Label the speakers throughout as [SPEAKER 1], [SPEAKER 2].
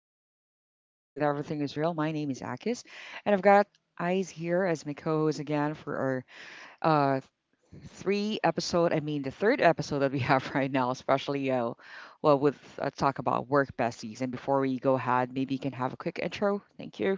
[SPEAKER 1] easy and the vibe stays smooth and everything is real. My name is Akis, and I've got Eyes here as my co-host again for our three episode. I mean, the third episode that we have right now, especially well, with talk about work besties. And before we go ahead, maybe you can have a quick intro. Thank you.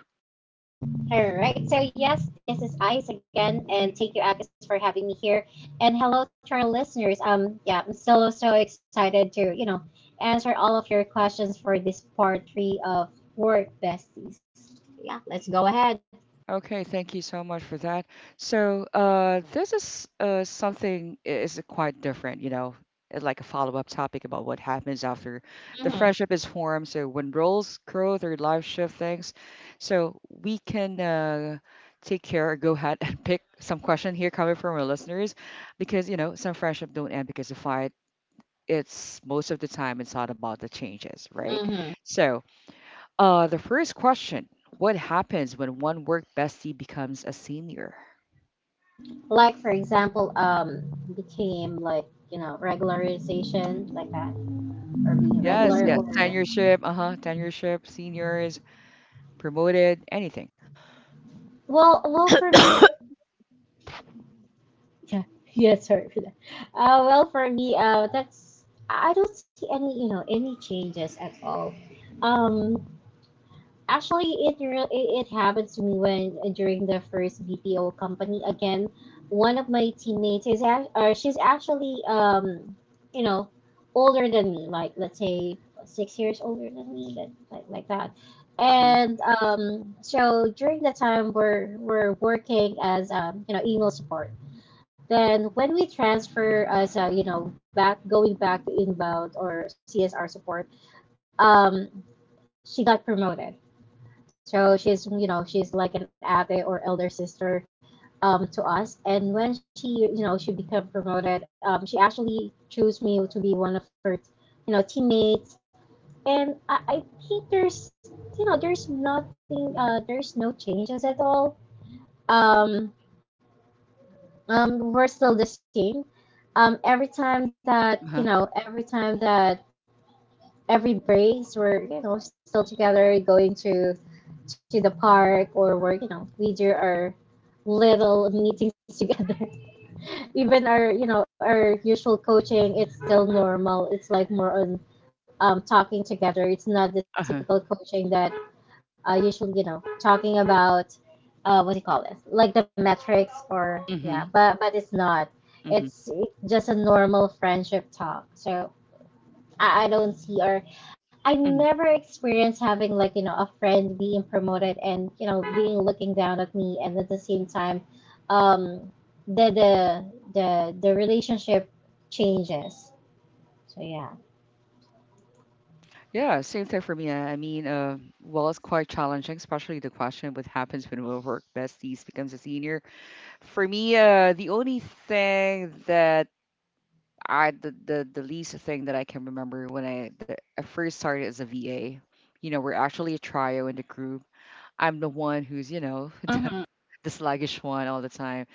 [SPEAKER 2] All right. So yes, this is Ice again, and thank you, Agnes, for having me here. And hello to our listeners. Yeah, I'm still so excited to, answer all of your questions for this part three of Work Besties. Yeah, let's go ahead.
[SPEAKER 1] Okay, thank you so much for that. So, this is something is quite different, you know, like a follow-up topic about what happens after the
[SPEAKER 2] Mm-hmm.
[SPEAKER 1] friendship is formed. So, when roles growth or life shift things, so we can take care or go ahead and pick some question here coming from our listeners, because you know some friendship don't end because of fight. It's most of the time it's not about the changes, right?
[SPEAKER 2] Mm-hmm.
[SPEAKER 1] So the first question, what happens when one work bestie becomes a senior?
[SPEAKER 2] Like, for example, became like, regularization, like that, or
[SPEAKER 1] Uh-huh.
[SPEAKER 2] being
[SPEAKER 1] Yes,
[SPEAKER 2] regular,
[SPEAKER 1] yes.
[SPEAKER 2] or,
[SPEAKER 1] Seniorship, uh-huh. Tenureship, seniors, promoted, anything.
[SPEAKER 2] Well, for me, yeah, yeah, sorry for that. Well, for me, that's I don't see any, any changes at all. Um, actually, it re- it happened to me when during the first BPO company. Again, one of my teammates is act- or she's actually you know, older than me. Like let's say 6 years older than me, like that.
[SPEAKER 1] Mm-hmm.
[SPEAKER 2] And so during the time we're working as email support, then when we transfer as a, back going back to inbound or CSR support. um, she got promoted. So she's, she's like an ate or elder sister, to us. And when she became promoted, she actually chose me to be one of her, teammates. And I think there's nothing. There's no changes at all. Um, we're still the same every time that
[SPEAKER 1] Uh-huh.
[SPEAKER 2] every time that every breaks, we're still together going to the park, or we're we do our little meetings together. even our our usual coaching, it's still normal. It's like more on talking together. It's not the
[SPEAKER 1] Uh-huh.
[SPEAKER 2] typical coaching that usually, talking about what do you call it? Like the metrics or yeah,
[SPEAKER 1] Mm-hmm.
[SPEAKER 2] but it's not.
[SPEAKER 1] Mm-hmm.
[SPEAKER 2] It's just a normal friendship talk. So I don't see or I
[SPEAKER 1] Mm-hmm.
[SPEAKER 2] never experienced having like a friend being promoted and being looking down at me. And at the same time, um, the the the relationship changes. So yeah.
[SPEAKER 1] Yeah, same thing for me. I mean, well, it's quite challenging, especially the question what happens when we work besties becomes a senior. For me, the only thing that I the least thing that I can remember when I the, I first started as a VA, you know, we're actually a trio in the group. I'm the one who's you know
[SPEAKER 2] Mm-hmm.
[SPEAKER 1] the sluggish one all the time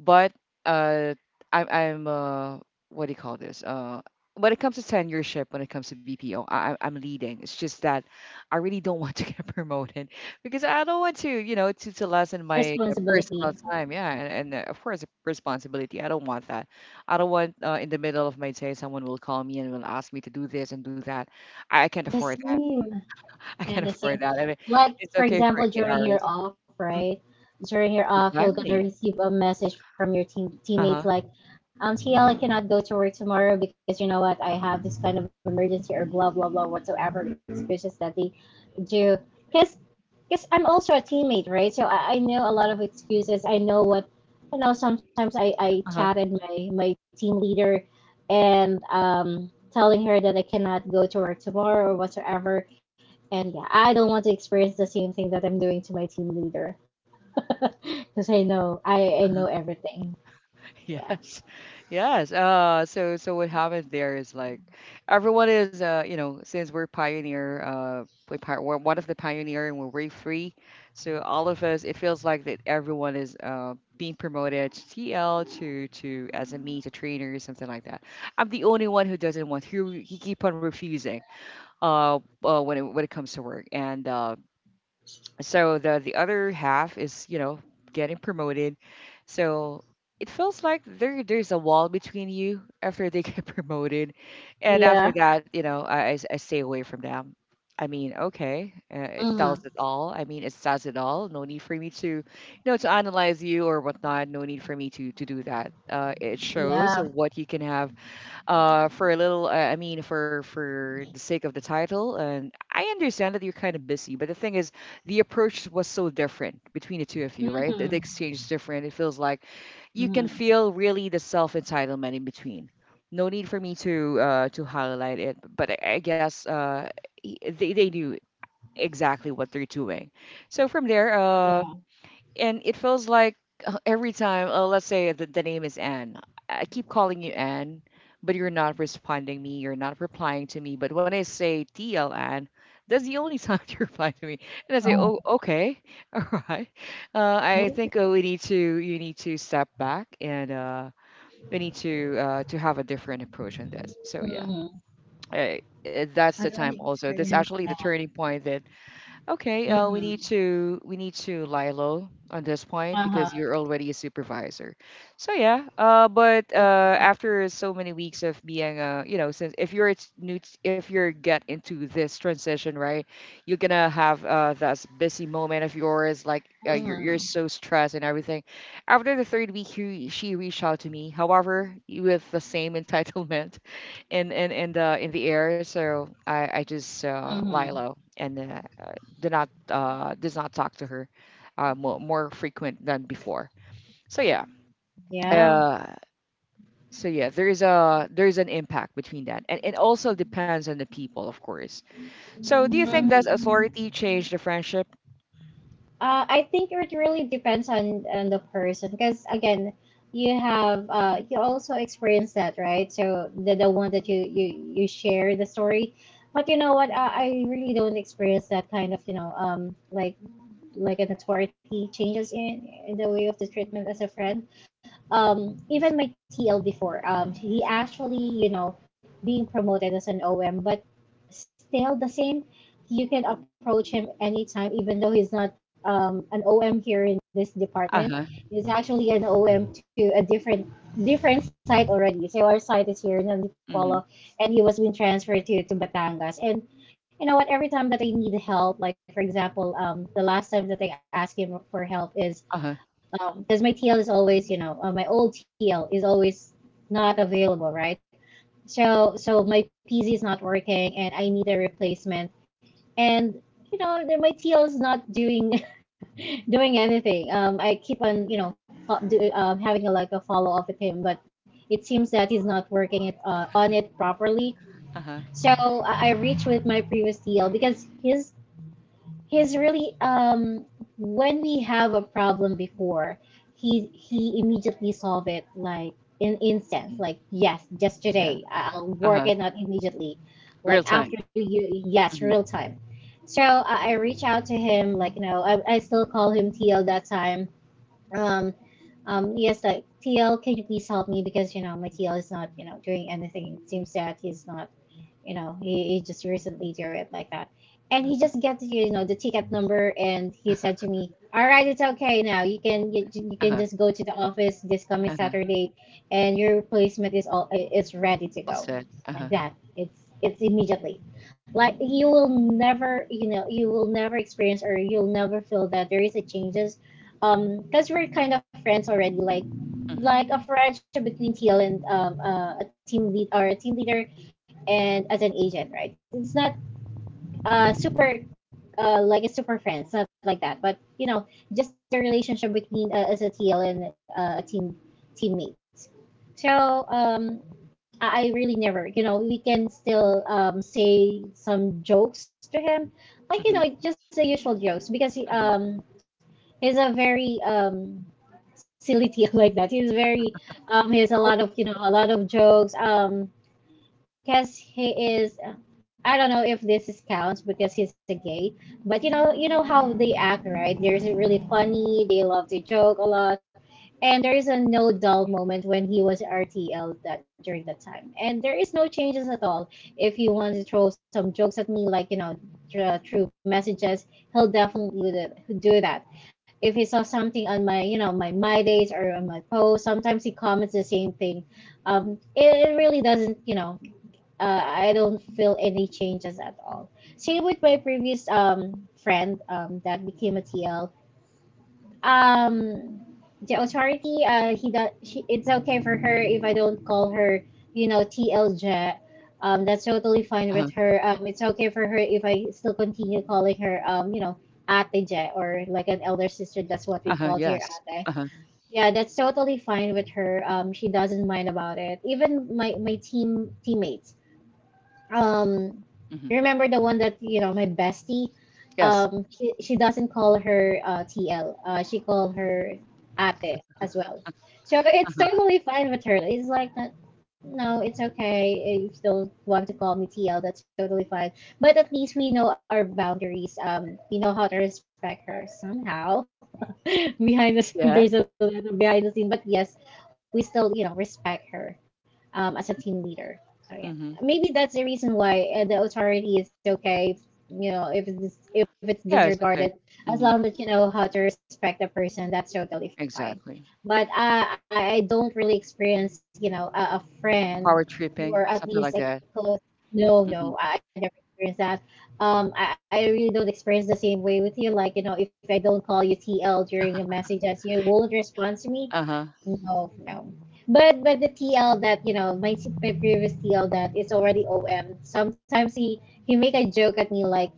[SPEAKER 1] but uh, I'm what do you call this? When it comes to tenureship, when it comes to BPO, I am leading. It's just that I really don't want to get promoted because I don't want to, you know, to lessen my personal
[SPEAKER 2] Responsibility
[SPEAKER 1] time. Yeah, and of course responsibility. I don't want that. I don't want in the middle of my day someone will call me and will ask me to do this and do that. I can't
[SPEAKER 2] the
[SPEAKER 1] afford that.
[SPEAKER 2] same,
[SPEAKER 1] I can't
[SPEAKER 2] yeah, the
[SPEAKER 1] afford
[SPEAKER 2] same.
[SPEAKER 1] that. I mean,
[SPEAKER 2] Like
[SPEAKER 1] it's
[SPEAKER 2] for
[SPEAKER 1] okay for
[SPEAKER 2] example,
[SPEAKER 1] eight
[SPEAKER 2] during your
[SPEAKER 1] hours.
[SPEAKER 2] off,
[SPEAKER 1] Mm,
[SPEAKER 2] right? During your off, you're gonna
[SPEAKER 1] exactly.
[SPEAKER 2] receive a message from your
[SPEAKER 1] Uh huh.
[SPEAKER 2] teammates like, TL, I cannot go to work tomorrow because you know what, I have this kind of emergency or blah blah blah whatsoever excuses that they do. Because because I'm also a teammate, right? So I know a lot of excuses. I know what you know. Sometimes I
[SPEAKER 1] Uh huh.
[SPEAKER 2] chatted my team leader and telling her that I cannot go to work tomorrow or whatsoever. And yeah, I don't want to experience the same thing that I'm doing to my team leader because I know everything. Yeah.
[SPEAKER 1] Yes, yes. So what happened there is like everyone is you know since we're pioneer we're one of the pioneer and we're way free, so all of us it feels like that everyone is being promoted to TL to as a SME to trainer or something like that. I'm the only one who doesn't want who he keep on refusing uh, when it comes to work and so the other half is you know getting promoted so it feels like there's a wall between you after they get promoted and
[SPEAKER 2] Yeah.
[SPEAKER 1] after that you know I stay away from them. I mean okay, it
[SPEAKER 2] Mm-hmm.
[SPEAKER 1] tells it all. I mean it says it all. No need for me to you know to analyze you or whatnot. No need for me to do that. It shows
[SPEAKER 2] Yeah.
[SPEAKER 1] what you can have for a little I mean for the sake of the title, and I understand that you're kind of busy, but the thing is the approach was so different between the two of you, right? The
[SPEAKER 2] Mm-hmm.
[SPEAKER 1] exchange is different. It feels like you can
[SPEAKER 2] Mm-hmm.
[SPEAKER 1] feel really the self entitlement in between. No need for me to highlight it, but I guess they knew exactly what they're doing. So from there
[SPEAKER 2] Yeah.
[SPEAKER 1] and it feels like every time, let's say the name is Anne, I keep calling you Anne, but you're not responding me, you're not replying to me. But when I say TL Anne, that's the only time you reply to me. And I say,
[SPEAKER 2] Oh.
[SPEAKER 1] oh, okay, all right. I think we need to, you need to step back and we need to have a different approach on this. So yeah,
[SPEAKER 2] Mm-hmm.
[SPEAKER 1] I, that's
[SPEAKER 2] I
[SPEAKER 1] the
[SPEAKER 2] don't
[SPEAKER 1] time also. That's
[SPEAKER 2] experience
[SPEAKER 1] actually the
[SPEAKER 2] that.
[SPEAKER 1] turning point that okay,
[SPEAKER 2] Mm-hmm.
[SPEAKER 1] we need to lie low on this point because
[SPEAKER 2] Uh-huh.
[SPEAKER 1] you're already a supervisor. So yeah, but after so many weeks of being you know, since if you're it's new, if you're get into this transition, right, you're gonna have that busy moment of yours, like
[SPEAKER 2] Mm-hmm.
[SPEAKER 1] you're so stressed and everything. After the third week, he, she reached out to me, however, with the same entitlement in the air. So I just lie
[SPEAKER 2] Mm-hmm.
[SPEAKER 1] low and uh, do not does not talk to her more frequent than before. So yeah,
[SPEAKER 2] Yeah.
[SPEAKER 1] uh, so yeah, there is a there is an impact between that, and it also depends on the people, of course. So do you think does
[SPEAKER 2] Mm-hmm.
[SPEAKER 1] authority change the friendship?
[SPEAKER 2] I think it really depends on the person. Because again, you have you also experience that, right? So the one that you share the story, but you know what? I really don't experience that kind of like an authority changes in the way of the treatment as a friend. Um, Even my TL before, he actually, being promoted as an OM, but still the same. You can approach him anytime, even though he's not an OM here in this
[SPEAKER 1] Uh
[SPEAKER 2] department.
[SPEAKER 1] huh.
[SPEAKER 2] He's actually an OM to a different site already. So our site is here in Antipolo,
[SPEAKER 1] Mm-hmm.
[SPEAKER 2] and he was being transferred to Batangas. And you know what? Every time that I needed help, like for example, the last time that I asked him for help is
[SPEAKER 1] Uh huh.
[SPEAKER 2] because my TL is always, my old TL is always not available, right? So so my PC is not working and I need a replacement. And you know my TL is not doing doing anything. I keep on having a, like a follow up with him, but it seems that he's not working it on it properly.
[SPEAKER 1] Uh huh.
[SPEAKER 2] So I reached with my previous TL because his he's really when we have a problem before, he immediately solve it, like in instance,
[SPEAKER 1] Mhm.
[SPEAKER 2] like yes, just
[SPEAKER 1] Yeah.
[SPEAKER 2] today I'll
[SPEAKER 1] Uh
[SPEAKER 2] work
[SPEAKER 1] huh.
[SPEAKER 2] it out immediately,
[SPEAKER 1] Real
[SPEAKER 2] like
[SPEAKER 1] time.
[SPEAKER 2] after you, yes,
[SPEAKER 1] Mm-hmm.
[SPEAKER 2] real time. So I reach out to him, like I still call him TL that time, um yes, like TL, can you please help me because you know my TL is not doing anything. It seems that he's not, he just recently did it like that, and he
[SPEAKER 1] Uh
[SPEAKER 2] just gets the ticket number. And he said to me, all right, it's okay now. You can
[SPEAKER 1] huh.
[SPEAKER 2] just go to the office this coming
[SPEAKER 1] Uh huh.
[SPEAKER 2] Saturday, and your replacement is all is ready to
[SPEAKER 1] All
[SPEAKER 2] go,
[SPEAKER 1] said. Uh huh.
[SPEAKER 2] like that. It's immediately, like you will never you will never experience or you'll never feel that there is a changes, because we're kind of friends already. like
[SPEAKER 1] Mm-hmm.
[SPEAKER 2] like a friendship between TL and a team lead or a team leader and as an agent, right? It's not super, like a super friends, it's not like that, but you know just the relationship between as a TL and a teammates. So I really never we can still say some jokes to him like
[SPEAKER 1] Mm-hmm.
[SPEAKER 2] just the usual jokes. Because he
[SPEAKER 1] Mm-hmm.
[SPEAKER 2] he's a very silly like that. He's very he has a
[SPEAKER 1] Cool.
[SPEAKER 2] lot of a lot of jokes. Because he is I don't know if this is counts, because he's a gay. But you know how they act, right? They're really funny, they love to joke a lot. And there is a no dull moment when he was RTL that during that time. And there is no changes at all. If you want to throw some jokes at me, like through messages, he'll definitely do that. If he saw something on my, my days or on my post, sometimes he comments the same thing. It really doesn't, I don't feel any changes at all. Same with my previous friend that became a TL. Um, the authority he does she, it's okay for her if I don't call her TLJ. That's totally fine
[SPEAKER 1] Uh
[SPEAKER 2] with
[SPEAKER 1] huh.
[SPEAKER 2] her. It's okay for her if I still continue calling her Ate J, or like an elder sister, that's what we
[SPEAKER 1] Uh huh.
[SPEAKER 2] called here,
[SPEAKER 1] Yes.
[SPEAKER 2] ate.
[SPEAKER 1] Uh huh.
[SPEAKER 2] Yeah, that's totally fine with her. She doesn't mind about it. Even my teammates, um
[SPEAKER 1] Mm-hmm.
[SPEAKER 2] remember the one that my bestie,
[SPEAKER 1] Yes.
[SPEAKER 2] she doesn't call her TL. She call her ate as well. So it's totally fine with her. It's like no, it's okay. If you don't want to call me TL, that's totally fine. But at least we know our boundaries. We know how to respect her somehow. behind the scene,
[SPEAKER 1] Yeah.
[SPEAKER 2] there's a little behind the scene, but yes, we still respect her, as a team leader. So yeah,
[SPEAKER 1] Mm-hmm.
[SPEAKER 2] maybe that's the reason why the authority is okay, if it's
[SPEAKER 1] Yeah, it's okay.
[SPEAKER 2] disregarded, as
[SPEAKER 1] Mm-hmm.
[SPEAKER 2] long as you know how to respect the person. That's totally fine.
[SPEAKER 1] Exactly.
[SPEAKER 2] But I don't really experience, a friend,
[SPEAKER 1] Power tripping,
[SPEAKER 2] or at
[SPEAKER 1] something like
[SPEAKER 2] least a
[SPEAKER 1] that.
[SPEAKER 2] close. No,
[SPEAKER 1] Mhm.
[SPEAKER 2] no, I never experienced that. I really don't experience the same way with you. Like, you know, if I don't call you TL during a message, as you won't respond to me.
[SPEAKER 1] Uh-huh.
[SPEAKER 2] No, no. But the TL that you know, my previous TL that is already OM. Sometimes he make a joke at me like,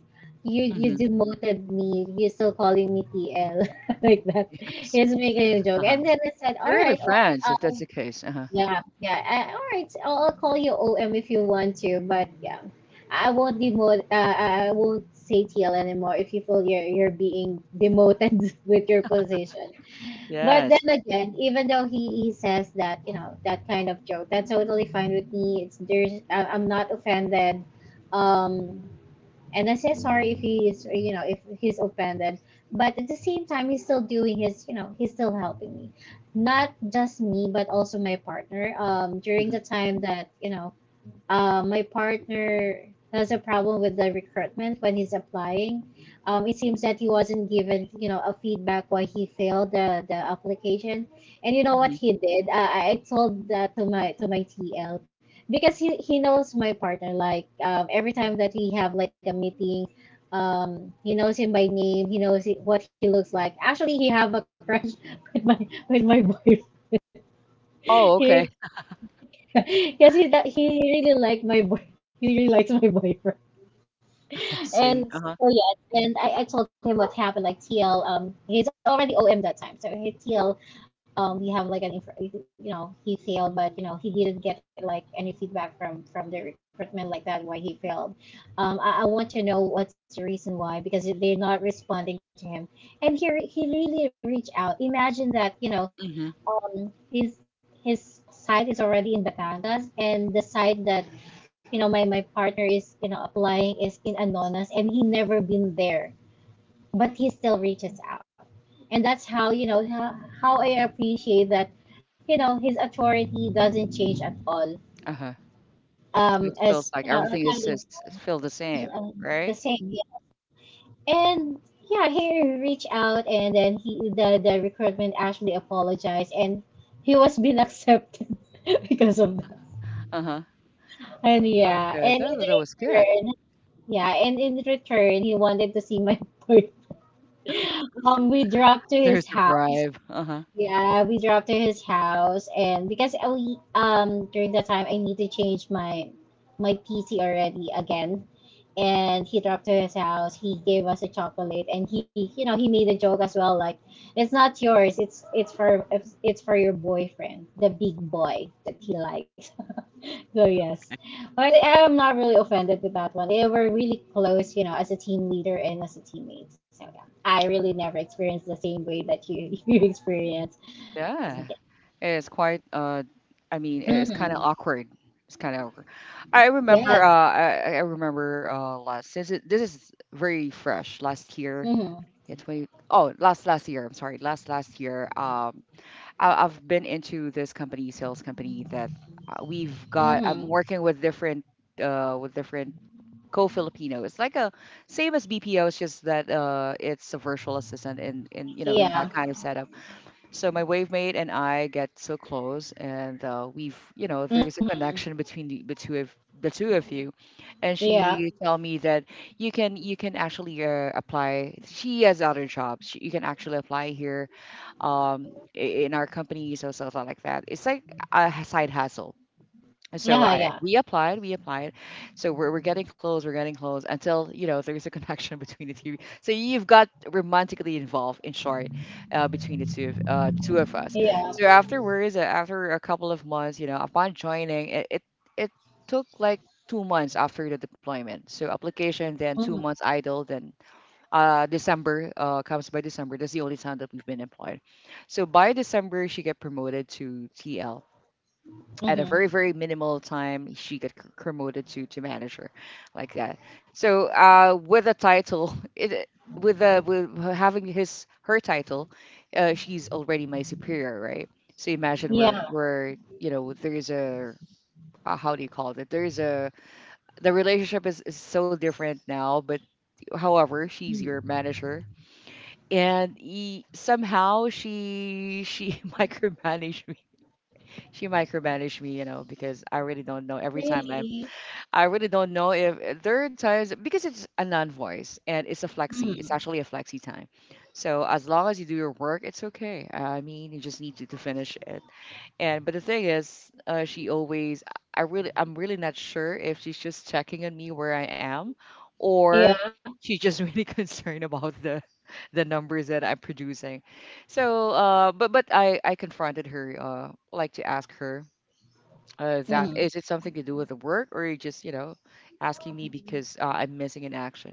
[SPEAKER 2] you
[SPEAKER 1] Mhm.
[SPEAKER 2] demoted me. You're still calling me TL like that.
[SPEAKER 1] Yes.
[SPEAKER 2] He's making a joke.
[SPEAKER 1] Uh-huh.
[SPEAKER 2] And then I said,
[SPEAKER 1] They're
[SPEAKER 2] all
[SPEAKER 1] really
[SPEAKER 2] right,
[SPEAKER 1] friends if that's the case. Uh-huh.
[SPEAKER 2] yeah, yeah, all right, I'll call you OM if you want to, but yeah, I won't demote, uh, I won't say TL anymore if you feel you're being demoted with your position. But then
[SPEAKER 1] Yes.
[SPEAKER 2] again, even though he says that, that kind of joke, that's totally fine with me. I, I'm not offended. Um, and I say sorry if he is, if he's offended. But at the same time, he's still doing his, he's still helping me, not just me but also my partner, during the
[SPEAKER 1] Mhm.
[SPEAKER 2] time that, my partner has a problem with the recruitment when he's applying. It seems that he wasn't given, a feedback why he failed the application. And you know what
[SPEAKER 1] Mhm.
[SPEAKER 2] he did? I told that to my TL, because he knows my partner. Like, every time that we have like a meeting, um he knows him by name, he knows what he looks like. Actually he have a crush with my with my boyfriend.
[SPEAKER 1] Oh,
[SPEAKER 2] He,
[SPEAKER 1] okay.
[SPEAKER 2] yes, he really liked my boy. He really likes my boyfriend.
[SPEAKER 1] I
[SPEAKER 2] And
[SPEAKER 1] see. Uh-huh.
[SPEAKER 2] so yes, and I told him what happened. Like, TL, he's already OM that time. So he, TL, we have like an, he failed, but you know, he didn't get like any feedback from the recruitment, like that, why he failed. I want to know what's the reason why, because they're not responding to him. And here he really reached out. Imagine that,
[SPEAKER 1] Mhm.
[SPEAKER 2] um, his his site is already in Batangas, and the site that, you know, my partner is, you know, applying is in Anonas, and he never been there, but he still reaches out. And that's how, I appreciate that, his authority doesn't change at all.
[SPEAKER 1] Uh-huh. So it
[SPEAKER 2] As,
[SPEAKER 1] feels like everything is
[SPEAKER 2] kind of
[SPEAKER 1] just it feel the same,
[SPEAKER 2] still,
[SPEAKER 1] right?
[SPEAKER 2] the same. Yeah. And yeah, he reached out, and then the recruitment actually apologized, and he was being accepted because of that.
[SPEAKER 1] Uh-huh.
[SPEAKER 2] And yeah,
[SPEAKER 1] Okay.
[SPEAKER 2] and in
[SPEAKER 1] That that was good.
[SPEAKER 2] return, Yeah, and in return, he wanted to see my boy. We drove to
[SPEAKER 1] There's
[SPEAKER 2] his
[SPEAKER 1] a
[SPEAKER 2] house.
[SPEAKER 1] bribe. Uh-huh.
[SPEAKER 2] Yeah, we drove to his house, and because we, during that time, I need to change my PC already again, and he dropped to his house. He gave us a chocolate, and he you know he made a joke as well, like, it's not yours, it's for your boyfriend, the big boy that he likes. So yes, but I'm not really offended with that one. They were really close, you know, as a team leader and as a teammate. So yeah, I really never experienced the same way that you you experienced. So,
[SPEAKER 1] Yeah. It's quite I mean
[SPEAKER 2] yeah.
[SPEAKER 1] it's kind of
[SPEAKER 2] Mhm.
[SPEAKER 1] awkward. It's kind of awkward. I remember
[SPEAKER 2] Yes.
[SPEAKER 1] I remember last since it, this is very fresh last year.
[SPEAKER 2] Hmm.
[SPEAKER 1] Yeah, 20 Oh, last last year, I'm sorry. Last last year I've been into this company, sales company that we've got I'm
[SPEAKER 2] Hmm.
[SPEAKER 1] working with different co-Filipino. It's like a same as BPO, it's just that it's a virtual assistant and you know in that
[SPEAKER 2] Yeah.
[SPEAKER 1] kind of setup so my wave mate and I get so close, and we've, you know, there's a
[SPEAKER 2] Hmm.
[SPEAKER 1] connection between the two of you. And she
[SPEAKER 2] Yeah.
[SPEAKER 1] tell me that you can actually apply. She has other jobs. She, you can actually apply here in our companies or something like that. It's like a side hustle. So
[SPEAKER 2] Yeah.
[SPEAKER 1] I
[SPEAKER 2] Yeah.
[SPEAKER 1] we applied, we applied. So we're getting close, we're getting close until you know there's a connection between the two. So you've got romantically involved, in short, between the two of us. So
[SPEAKER 2] Yeah.
[SPEAKER 1] afterwards, after a couple of months, you know, upon joining, it took like 2 months after the deployment. So application, then two
[SPEAKER 2] Hmm.
[SPEAKER 1] months idle, then December comes by December. That's the only time that we've been employed. So by December, she get promoted to TL at a
[SPEAKER 2] Hmm.
[SPEAKER 1] very very minimal time she got promoted to manager like that. So with a title it with the with her having his her title she's already my superior, right? So imagine where
[SPEAKER 2] Yeah.
[SPEAKER 1] where you know there's a how do you call it, there's a the relationship is so different now. But however she's your
[SPEAKER 2] Mhm.
[SPEAKER 1] manager, and somehow she micromanaged me. She micromanaged me, you know, because I really don't know every time i
[SPEAKER 2] Really.
[SPEAKER 1] I really don't know if there are times because it's a non-voice and it's a flexi. It's
[SPEAKER 2] Hmm.
[SPEAKER 1] actually a flexi time. So as long as you do your work, it's okay. I mean, you just need to finish it. And but the thing is, she always. I really, I'm really not sure if she's just checking on me where I am, or
[SPEAKER 2] Yeah.
[SPEAKER 1] she's just really concerned about the numbers that I'm producing. So, but I confronted her, like to ask her is that
[SPEAKER 2] Hmm.
[SPEAKER 1] is it something to do with the work, or you just you know asking me because I'm missing an action?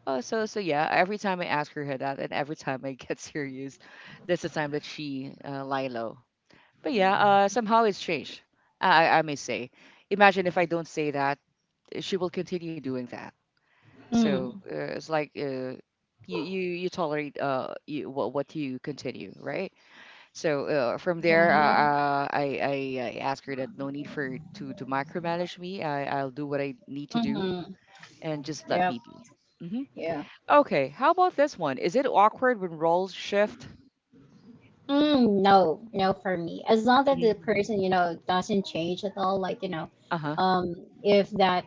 [SPEAKER 1] Oh, so so yeah. Every time I ask her that, and every time I get serious, that's the time that she lie low. But yeah, somehow it's changed. I may say. Imagine if I don't say that, eh, she will continue doing that. So
[SPEAKER 2] Hmm.
[SPEAKER 1] it's like you you you tolerate what you continue, right? So uh, from there, uh,
[SPEAKER 2] Yeah.
[SPEAKER 1] uh, I, I I ask her that no need for to micromanage me. I I'll do what I need to do
[SPEAKER 2] Hmm.
[SPEAKER 1] and just let me
[SPEAKER 2] Yep.
[SPEAKER 1] be. hmm
[SPEAKER 2] Yeah.
[SPEAKER 1] Okay, how about this one? Is it awkward when roles shift?
[SPEAKER 2] Mm, no, no, for me. As long as the
[SPEAKER 1] hmm
[SPEAKER 2] person, you know, doesn't change at all, like, you know,
[SPEAKER 1] Uh-huh.
[SPEAKER 2] um, if that,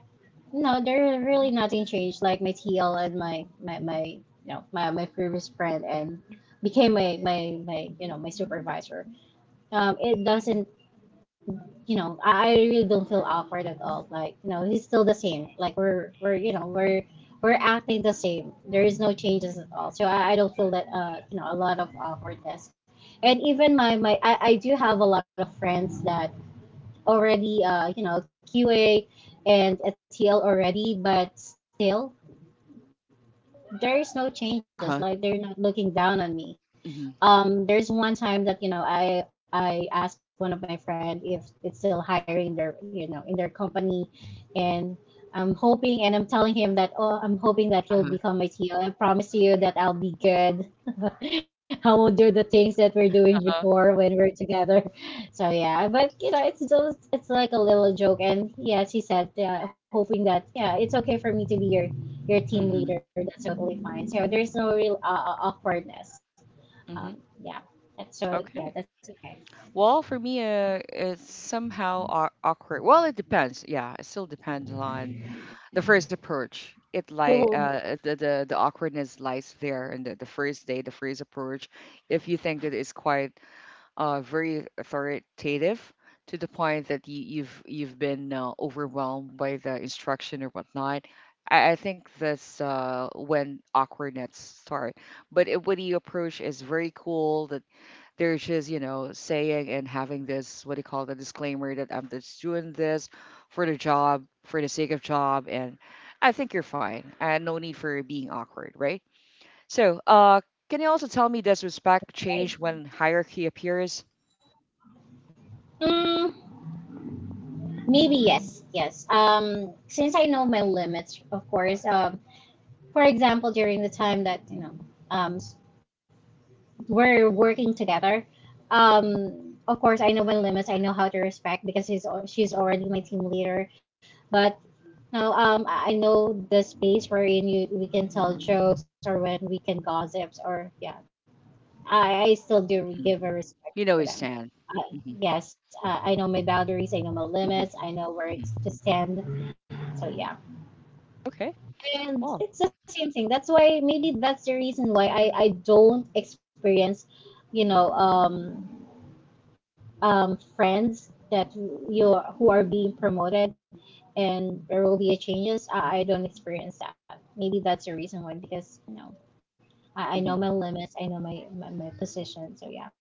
[SPEAKER 2] no, there's really nothing changed. Like, my TL and my previous friend and became my supervisor. It doesn't... I really don't feel awkward at all. Like, you know, he's still the same. Like, we're you know we're acting the same. There is no changes at all. So I don't feel that, you know, a lot of awkwardness. And even I do have a lot of friends that already, you know, QA and ATL already, but still there is no changes.
[SPEAKER 1] Uh-huh.
[SPEAKER 2] Like, they're not looking down on me.
[SPEAKER 1] hmm
[SPEAKER 2] There's one time that, you know, I asked one of my friend if it's still hiring their, you know, in their company, and I'm hoping, and I'm telling him that, oh, I'm hoping that he'll
[SPEAKER 1] Uh-huh.
[SPEAKER 2] become my CEO. I promise you that I'll be good. I will do the things that we're doing
[SPEAKER 1] Uh-huh.
[SPEAKER 2] before, when we're together. So yeah, but you know, it's still, it's like a little joke, and yes, he said, hoping that, yeah, it's okay for me to be your team
[SPEAKER 1] hmm
[SPEAKER 2] leader. That's totally fine. So there's no real, awkwardness.
[SPEAKER 1] hmm
[SPEAKER 2] um, yeah. That's So
[SPEAKER 1] Okay.
[SPEAKER 2] yeah, that's okay.
[SPEAKER 1] Well, for me, it's somehow awkward. Well, it depends. Yeah, it still depends on the first approach. It like
[SPEAKER 2] Mhm.
[SPEAKER 1] uh, the awkwardness lies there, and the first day, the first approach. If you think that it's quite very authoritative to the point that you've been overwhelmed by the instruction or whatnot, I think that's when awkwardness start. But it, when you approach is very cool, that they're just saying and having this what do you call the disclaimer that I'm just doing this for the job, for the sake of job, and I think you're fine and no need for being awkward, right? So uh, can you also tell me, does respect
[SPEAKER 2] Right.
[SPEAKER 1] change when hierarchy appears?
[SPEAKER 2] Mm, maybe yes. Yes. Since I know my limits, of course. For example, during the time that, um, s- we're working together. Um, of course, I know my limits. I know how to respect, because she's already my team leader. But no, I know the space wherein you we can tell jokes, or when we can gossips, or yeah. I still do
[SPEAKER 1] Mhm.
[SPEAKER 2] give a
[SPEAKER 1] You
[SPEAKER 2] respect to
[SPEAKER 1] know his
[SPEAKER 2] them.
[SPEAKER 1] stan.
[SPEAKER 2] I-
[SPEAKER 1] Hmm.
[SPEAKER 2] Yes, I know my boundaries, I know my
[SPEAKER 1] Hmm.
[SPEAKER 2] limits, I know where
[SPEAKER 1] Hmm.
[SPEAKER 2] it's to stand. So yeah,
[SPEAKER 1] Okay.
[SPEAKER 2] and
[SPEAKER 1] Well.
[SPEAKER 2] it's the same thing. That's why maybe that's the reason why I don't experience, you know um um friends that who are being promoted, and there will be changes. I don't experience that. Maybe that's the reason why, because you know, I know my limits, I know my, my position. So yeah,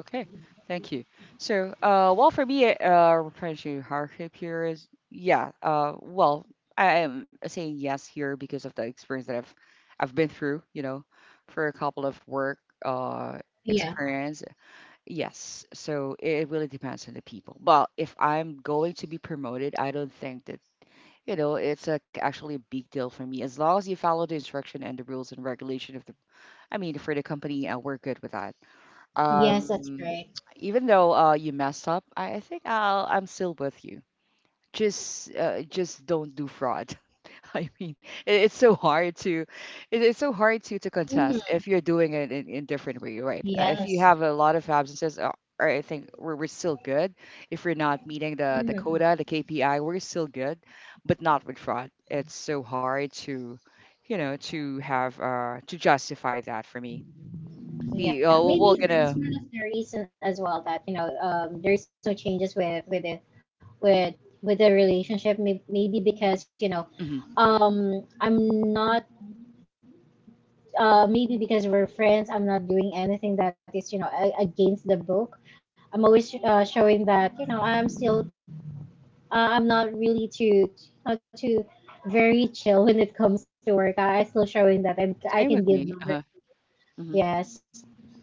[SPEAKER 1] Okay, thank you. So, well, for me, replenishing hardship here is, yeah, well, I am saying yes here because of the experience that I've been through, you know, for a couple of work, uh,
[SPEAKER 2] yeah,
[SPEAKER 1] experience. Yes, so it really depends on the people. Well, if I'm going to be promoted, I don't think that, you know, it's like actually a big deal for me, as long as you follow the instruction and the rules and regulation of the, I mean, for the company, we're good with that.
[SPEAKER 2] yes, that's
[SPEAKER 1] Um,
[SPEAKER 2] right.
[SPEAKER 1] even though uh, you messed up, I think I'm still with you. Just just don't do fraud. I mean it's so hard to it's so hard to contest
[SPEAKER 2] Hmm.
[SPEAKER 1] if you're doing it in different way, right? If you
[SPEAKER 2] Yes.
[SPEAKER 1] have a lot of absences or I think we're still good. If we're not meeting the
[SPEAKER 2] Mhm.
[SPEAKER 1] quota, the KPI, we're still good. But not with fraud. It's so hard to you know to have to justify that. For me the
[SPEAKER 2] Yeah,
[SPEAKER 1] we're
[SPEAKER 2] maybe
[SPEAKER 1] gonna
[SPEAKER 2] that's one of the reason as well, that you know, there's no changes with with with the relationship. Maybe because you know,
[SPEAKER 1] mhm.
[SPEAKER 2] um I'm not... maybe because we're friends. I'm not doing anything that is, you know, against the book. I'm always, showing that, you know, I'm still... I'm not really too, not too very chill when it comes to work. I still showing that I
[SPEAKER 1] Same with
[SPEAKER 2] can
[SPEAKER 1] me.
[SPEAKER 2] give
[SPEAKER 1] Uh-huh.
[SPEAKER 2] numbers.
[SPEAKER 1] Mhm.
[SPEAKER 2] Yes,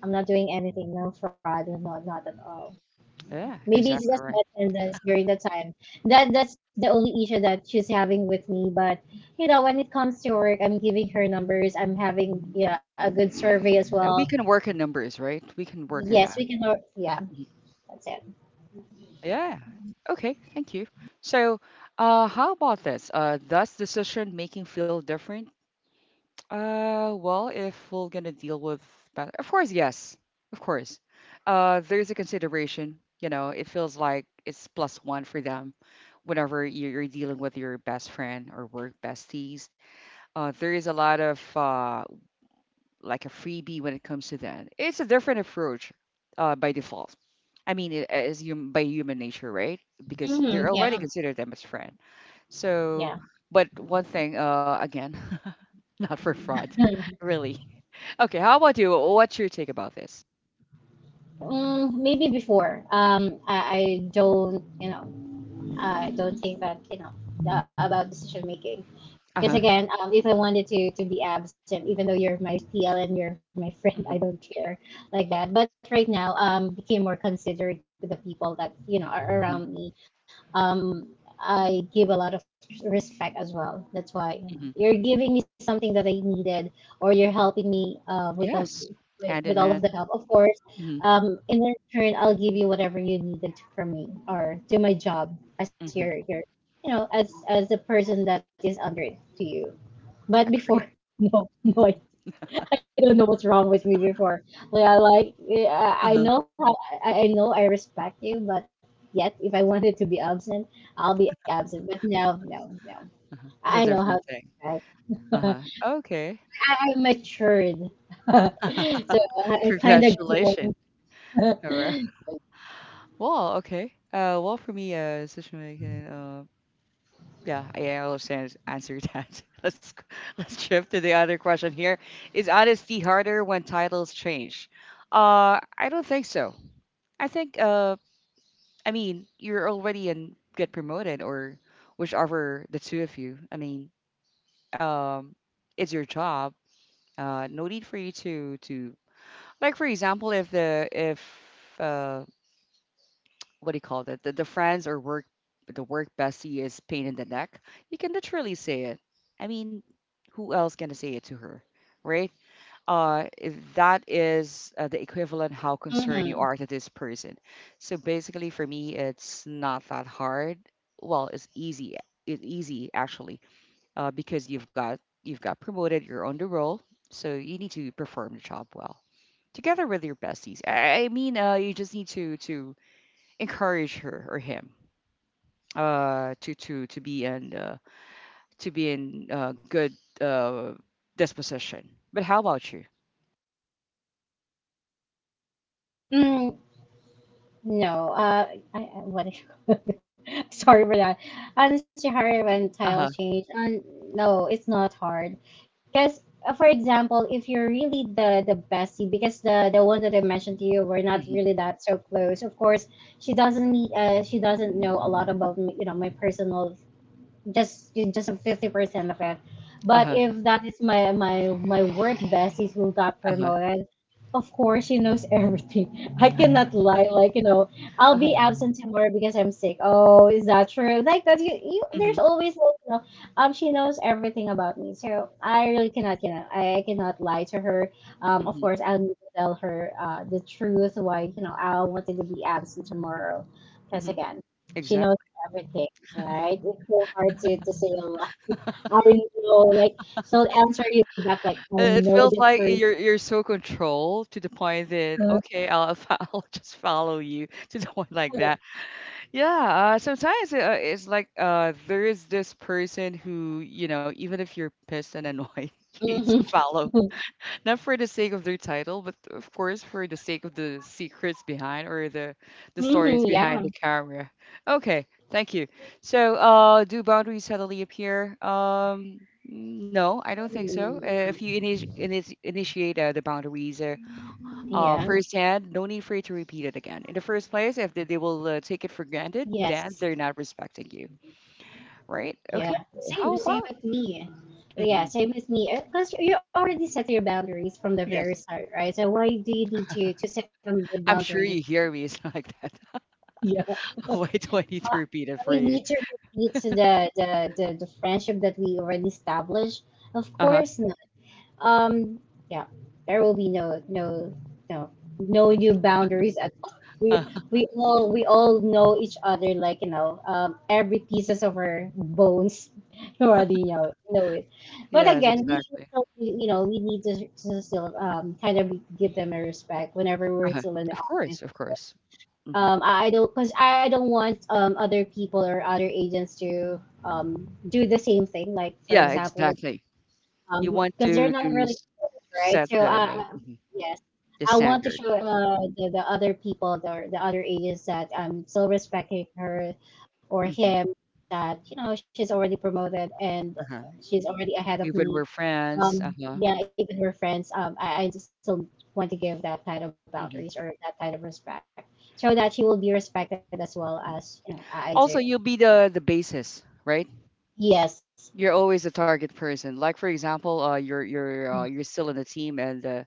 [SPEAKER 2] I'm not doing anything, no fraud, no, no, not at all.
[SPEAKER 1] Yeah,
[SPEAKER 2] Maybe it's
[SPEAKER 1] exactly
[SPEAKER 2] just
[SPEAKER 1] right.
[SPEAKER 2] my attendance during the time. That's the only issue that she's having with me. But, you know, when it comes to work, I'm giving her numbers. I'm having, yeah, a good survey as
[SPEAKER 1] We
[SPEAKER 2] well.
[SPEAKER 1] can work in numbers, right? We can work in
[SPEAKER 2] Yes,
[SPEAKER 1] that.
[SPEAKER 2] we can. Yeah,
[SPEAKER 1] Mhm.
[SPEAKER 2] that's it.
[SPEAKER 1] Yeah. Okay, thank you. So, how about this? Does decision making feel different? Well, if we're gonna deal with that, of course, yes, of course. There's a consideration. You know, it feels like it's plus one for them whenever you're dealing with your best friend or work besties. There is a lot of like a freebie when it comes to that. It's a different approach by default. I mean, it- as hum- by human nature, right? Because
[SPEAKER 2] Mhm,
[SPEAKER 1] they're
[SPEAKER 2] yeah,
[SPEAKER 1] already considered them as friend.
[SPEAKER 2] yeah.
[SPEAKER 1] So, but one thing, again, not for fraud, really. Okay, how about you? What's your take about this?
[SPEAKER 2] Mm, maybe before. I don't. You know. I don't think that, you know, about decision making.
[SPEAKER 1] Uh
[SPEAKER 2] Because
[SPEAKER 1] huh.
[SPEAKER 2] again, if I wanted to be absent, even though you're my TL and you're my friend,
[SPEAKER 1] Hmm.
[SPEAKER 2] I don't care like that. But right now, became more considerate to the people that, you know, are
[SPEAKER 1] Hmm.
[SPEAKER 2] around me. Um, I give a lot of respect as well. That's why, you
[SPEAKER 1] Hmm.
[SPEAKER 2] know, you're giving me something that I needed, or you're helping me,
[SPEAKER 1] Yes,
[SPEAKER 2] with
[SPEAKER 1] hand in
[SPEAKER 2] all of
[SPEAKER 1] hand.
[SPEAKER 2] the help. Of course.
[SPEAKER 1] Hmm.
[SPEAKER 2] And in return, I'll give you whatever you needed from me, or do my job as your,
[SPEAKER 1] Hmm.
[SPEAKER 2] your as the person that is under it to you. But before,
[SPEAKER 1] Agree.
[SPEAKER 2] no, no, I don't know what's wrong with me before. Yeah, like, yeah,
[SPEAKER 1] Uh huh.
[SPEAKER 2] I know, I respect you, but yet, if I wanted to be absent, I'll be absent. But no, no, no.
[SPEAKER 1] It's a
[SPEAKER 2] I know
[SPEAKER 1] different
[SPEAKER 2] how. To
[SPEAKER 1] thing.
[SPEAKER 2] respect.
[SPEAKER 1] Uh huh. Okay.
[SPEAKER 2] I matured, so I kind of
[SPEAKER 1] Congratulations.
[SPEAKER 2] grown.
[SPEAKER 1] All right. Well, okay. Well, for me, Sushma, I uh, yeah, I understand answer that. Let's shift to the other question here. Is honesty harder when titles change? I don't think so. I think, I mean, you're already in get promoted or whichever the two of you. I mean, um, it's your job. No need for you to like, for example, if the if uh, what do you call it? The friends or work the work bestie is pain in the neck. You can literally say it. I mean, who else gonna say it to her, right? Uh, that is the equivalent how concerned you
[SPEAKER 2] Mhm.
[SPEAKER 1] are to this person. So basically, for me, it's not that hard. Well, it's easy. It's easy actually, because you've got promoted. You're on the roll, so you need to perform the job well together with your besties. I mean, you just need to encourage her or him to to be in to be in good uh disposition. But how about you?
[SPEAKER 2] Mm. No, I what is... sorry for that. Honestly, hard when
[SPEAKER 1] Uh-huh.
[SPEAKER 2] titles change. And no, it's not hard because, for example, if you're really the bestie, because the one that I mentioned to you, were not
[SPEAKER 1] Hmm.
[SPEAKER 2] really that so close. Of course, she doesn't know a lot about you know, my personal, just 50% of it. But
[SPEAKER 1] Uh-huh.
[SPEAKER 2] if that is my work bestie who got
[SPEAKER 1] Uh-huh.
[SPEAKER 2] promoted, of course she knows everything. I cannot lie. Like, you know, I'll
[SPEAKER 1] Uh-huh.
[SPEAKER 2] be absent tomorrow because I'm sick. Oh, is that true? Like that, you,
[SPEAKER 1] Hmm.
[SPEAKER 2] there's always like, you know, she knows everything about me. So I really cannot lie to her.
[SPEAKER 1] Hmm.
[SPEAKER 2] Of course, I'll tell her, the truth why, you know, I wanted to be absent tomorrow,
[SPEAKER 1] Hmm.
[SPEAKER 2] because again, she
[SPEAKER 1] Exactly.
[SPEAKER 2] knows everything. Right? It's so hard to, say a lot. I know, like, she'll answer you back, like, I
[SPEAKER 1] It
[SPEAKER 2] know
[SPEAKER 1] feels
[SPEAKER 2] the
[SPEAKER 1] like
[SPEAKER 2] word.
[SPEAKER 1] you're so controlled to the point that okay I'll just follow you to the point like that. Yeah sometimes it's like there is this person who you know even if you're pissed and annoyed you need to
[SPEAKER 2] Mhm.
[SPEAKER 1] follow. Not for the sake of their title, but of course for the sake of the secrets behind or the
[SPEAKER 2] Mhm.
[SPEAKER 1] stories behind the
[SPEAKER 2] Yeah.
[SPEAKER 1] camera. Okay, thank you. So, do boundaries suddenly appear? No, I don't think so. If you
[SPEAKER 2] Mhm.
[SPEAKER 1] initiate the boundaries
[SPEAKER 2] Yeah.
[SPEAKER 1] firsthand, no need for you to repeat it again. In the first place, if they will take it for granted, then they're
[SPEAKER 2] Yes.
[SPEAKER 1] not respecting you, right?
[SPEAKER 2] Yeah.
[SPEAKER 1] Okay, how
[SPEAKER 2] Same. Same
[SPEAKER 1] about?
[SPEAKER 2] with me.
[SPEAKER 1] Mhm.
[SPEAKER 2] Yeah. Same with me. Because you already set your boundaries from the very
[SPEAKER 1] Yes,
[SPEAKER 2] start, right? So why do you need to set the
[SPEAKER 1] I'm sure you
[SPEAKER 2] boundaries?
[SPEAKER 1] hear me. It's like that.
[SPEAKER 2] Yeah.
[SPEAKER 1] Why do I need to
[SPEAKER 2] Uh,
[SPEAKER 1] repeat it for
[SPEAKER 2] we
[SPEAKER 1] you?
[SPEAKER 2] need to repeat to the friendship that we already established. Of
[SPEAKER 1] Uh-huh,
[SPEAKER 2] course, no. Um, yeah, there will be no no new boundaries at all.
[SPEAKER 1] uh
[SPEAKER 2] We all know each other, like, you know, every pieces of our bones already know it. But
[SPEAKER 1] yes,
[SPEAKER 2] again, we
[SPEAKER 1] exactly.
[SPEAKER 2] you know we need to, still, kind of give them a respect whenever we're
[SPEAKER 1] Uh-huh.
[SPEAKER 2] still in the
[SPEAKER 1] Of
[SPEAKER 2] office.
[SPEAKER 1] course, of course. Mhm.
[SPEAKER 2] I don't, because I don't want, other people or other agents to, do the same thing. Like for
[SPEAKER 1] Yeah,
[SPEAKER 2] example,
[SPEAKER 1] exactly. You want
[SPEAKER 2] because they're not
[SPEAKER 1] to
[SPEAKER 2] really
[SPEAKER 1] s
[SPEAKER 2] close, right?
[SPEAKER 1] set
[SPEAKER 2] So,
[SPEAKER 1] the mhm,
[SPEAKER 2] yes,
[SPEAKER 1] the
[SPEAKER 2] I want to
[SPEAKER 1] standard.
[SPEAKER 2] show, the other people or the other agents, that I'm still respecting her or
[SPEAKER 1] Mhm,
[SPEAKER 2] him, that you know, she's already promoted and
[SPEAKER 1] uh-huh.
[SPEAKER 2] she's already ahead of
[SPEAKER 1] Even we're
[SPEAKER 2] me.
[SPEAKER 1] friends,
[SPEAKER 2] Um
[SPEAKER 1] uh-huh,
[SPEAKER 2] yeah, even we're friends, I just still want to give that kind of
[SPEAKER 1] mhm.
[SPEAKER 2] boundaries or that kind of respect. So that she will be respected as well, as you know, I
[SPEAKER 1] Also, you'll
[SPEAKER 2] do.
[SPEAKER 1] be the basis, right?
[SPEAKER 2] Yes.
[SPEAKER 1] You're always a target person. Like for example, you're you're still in the team, and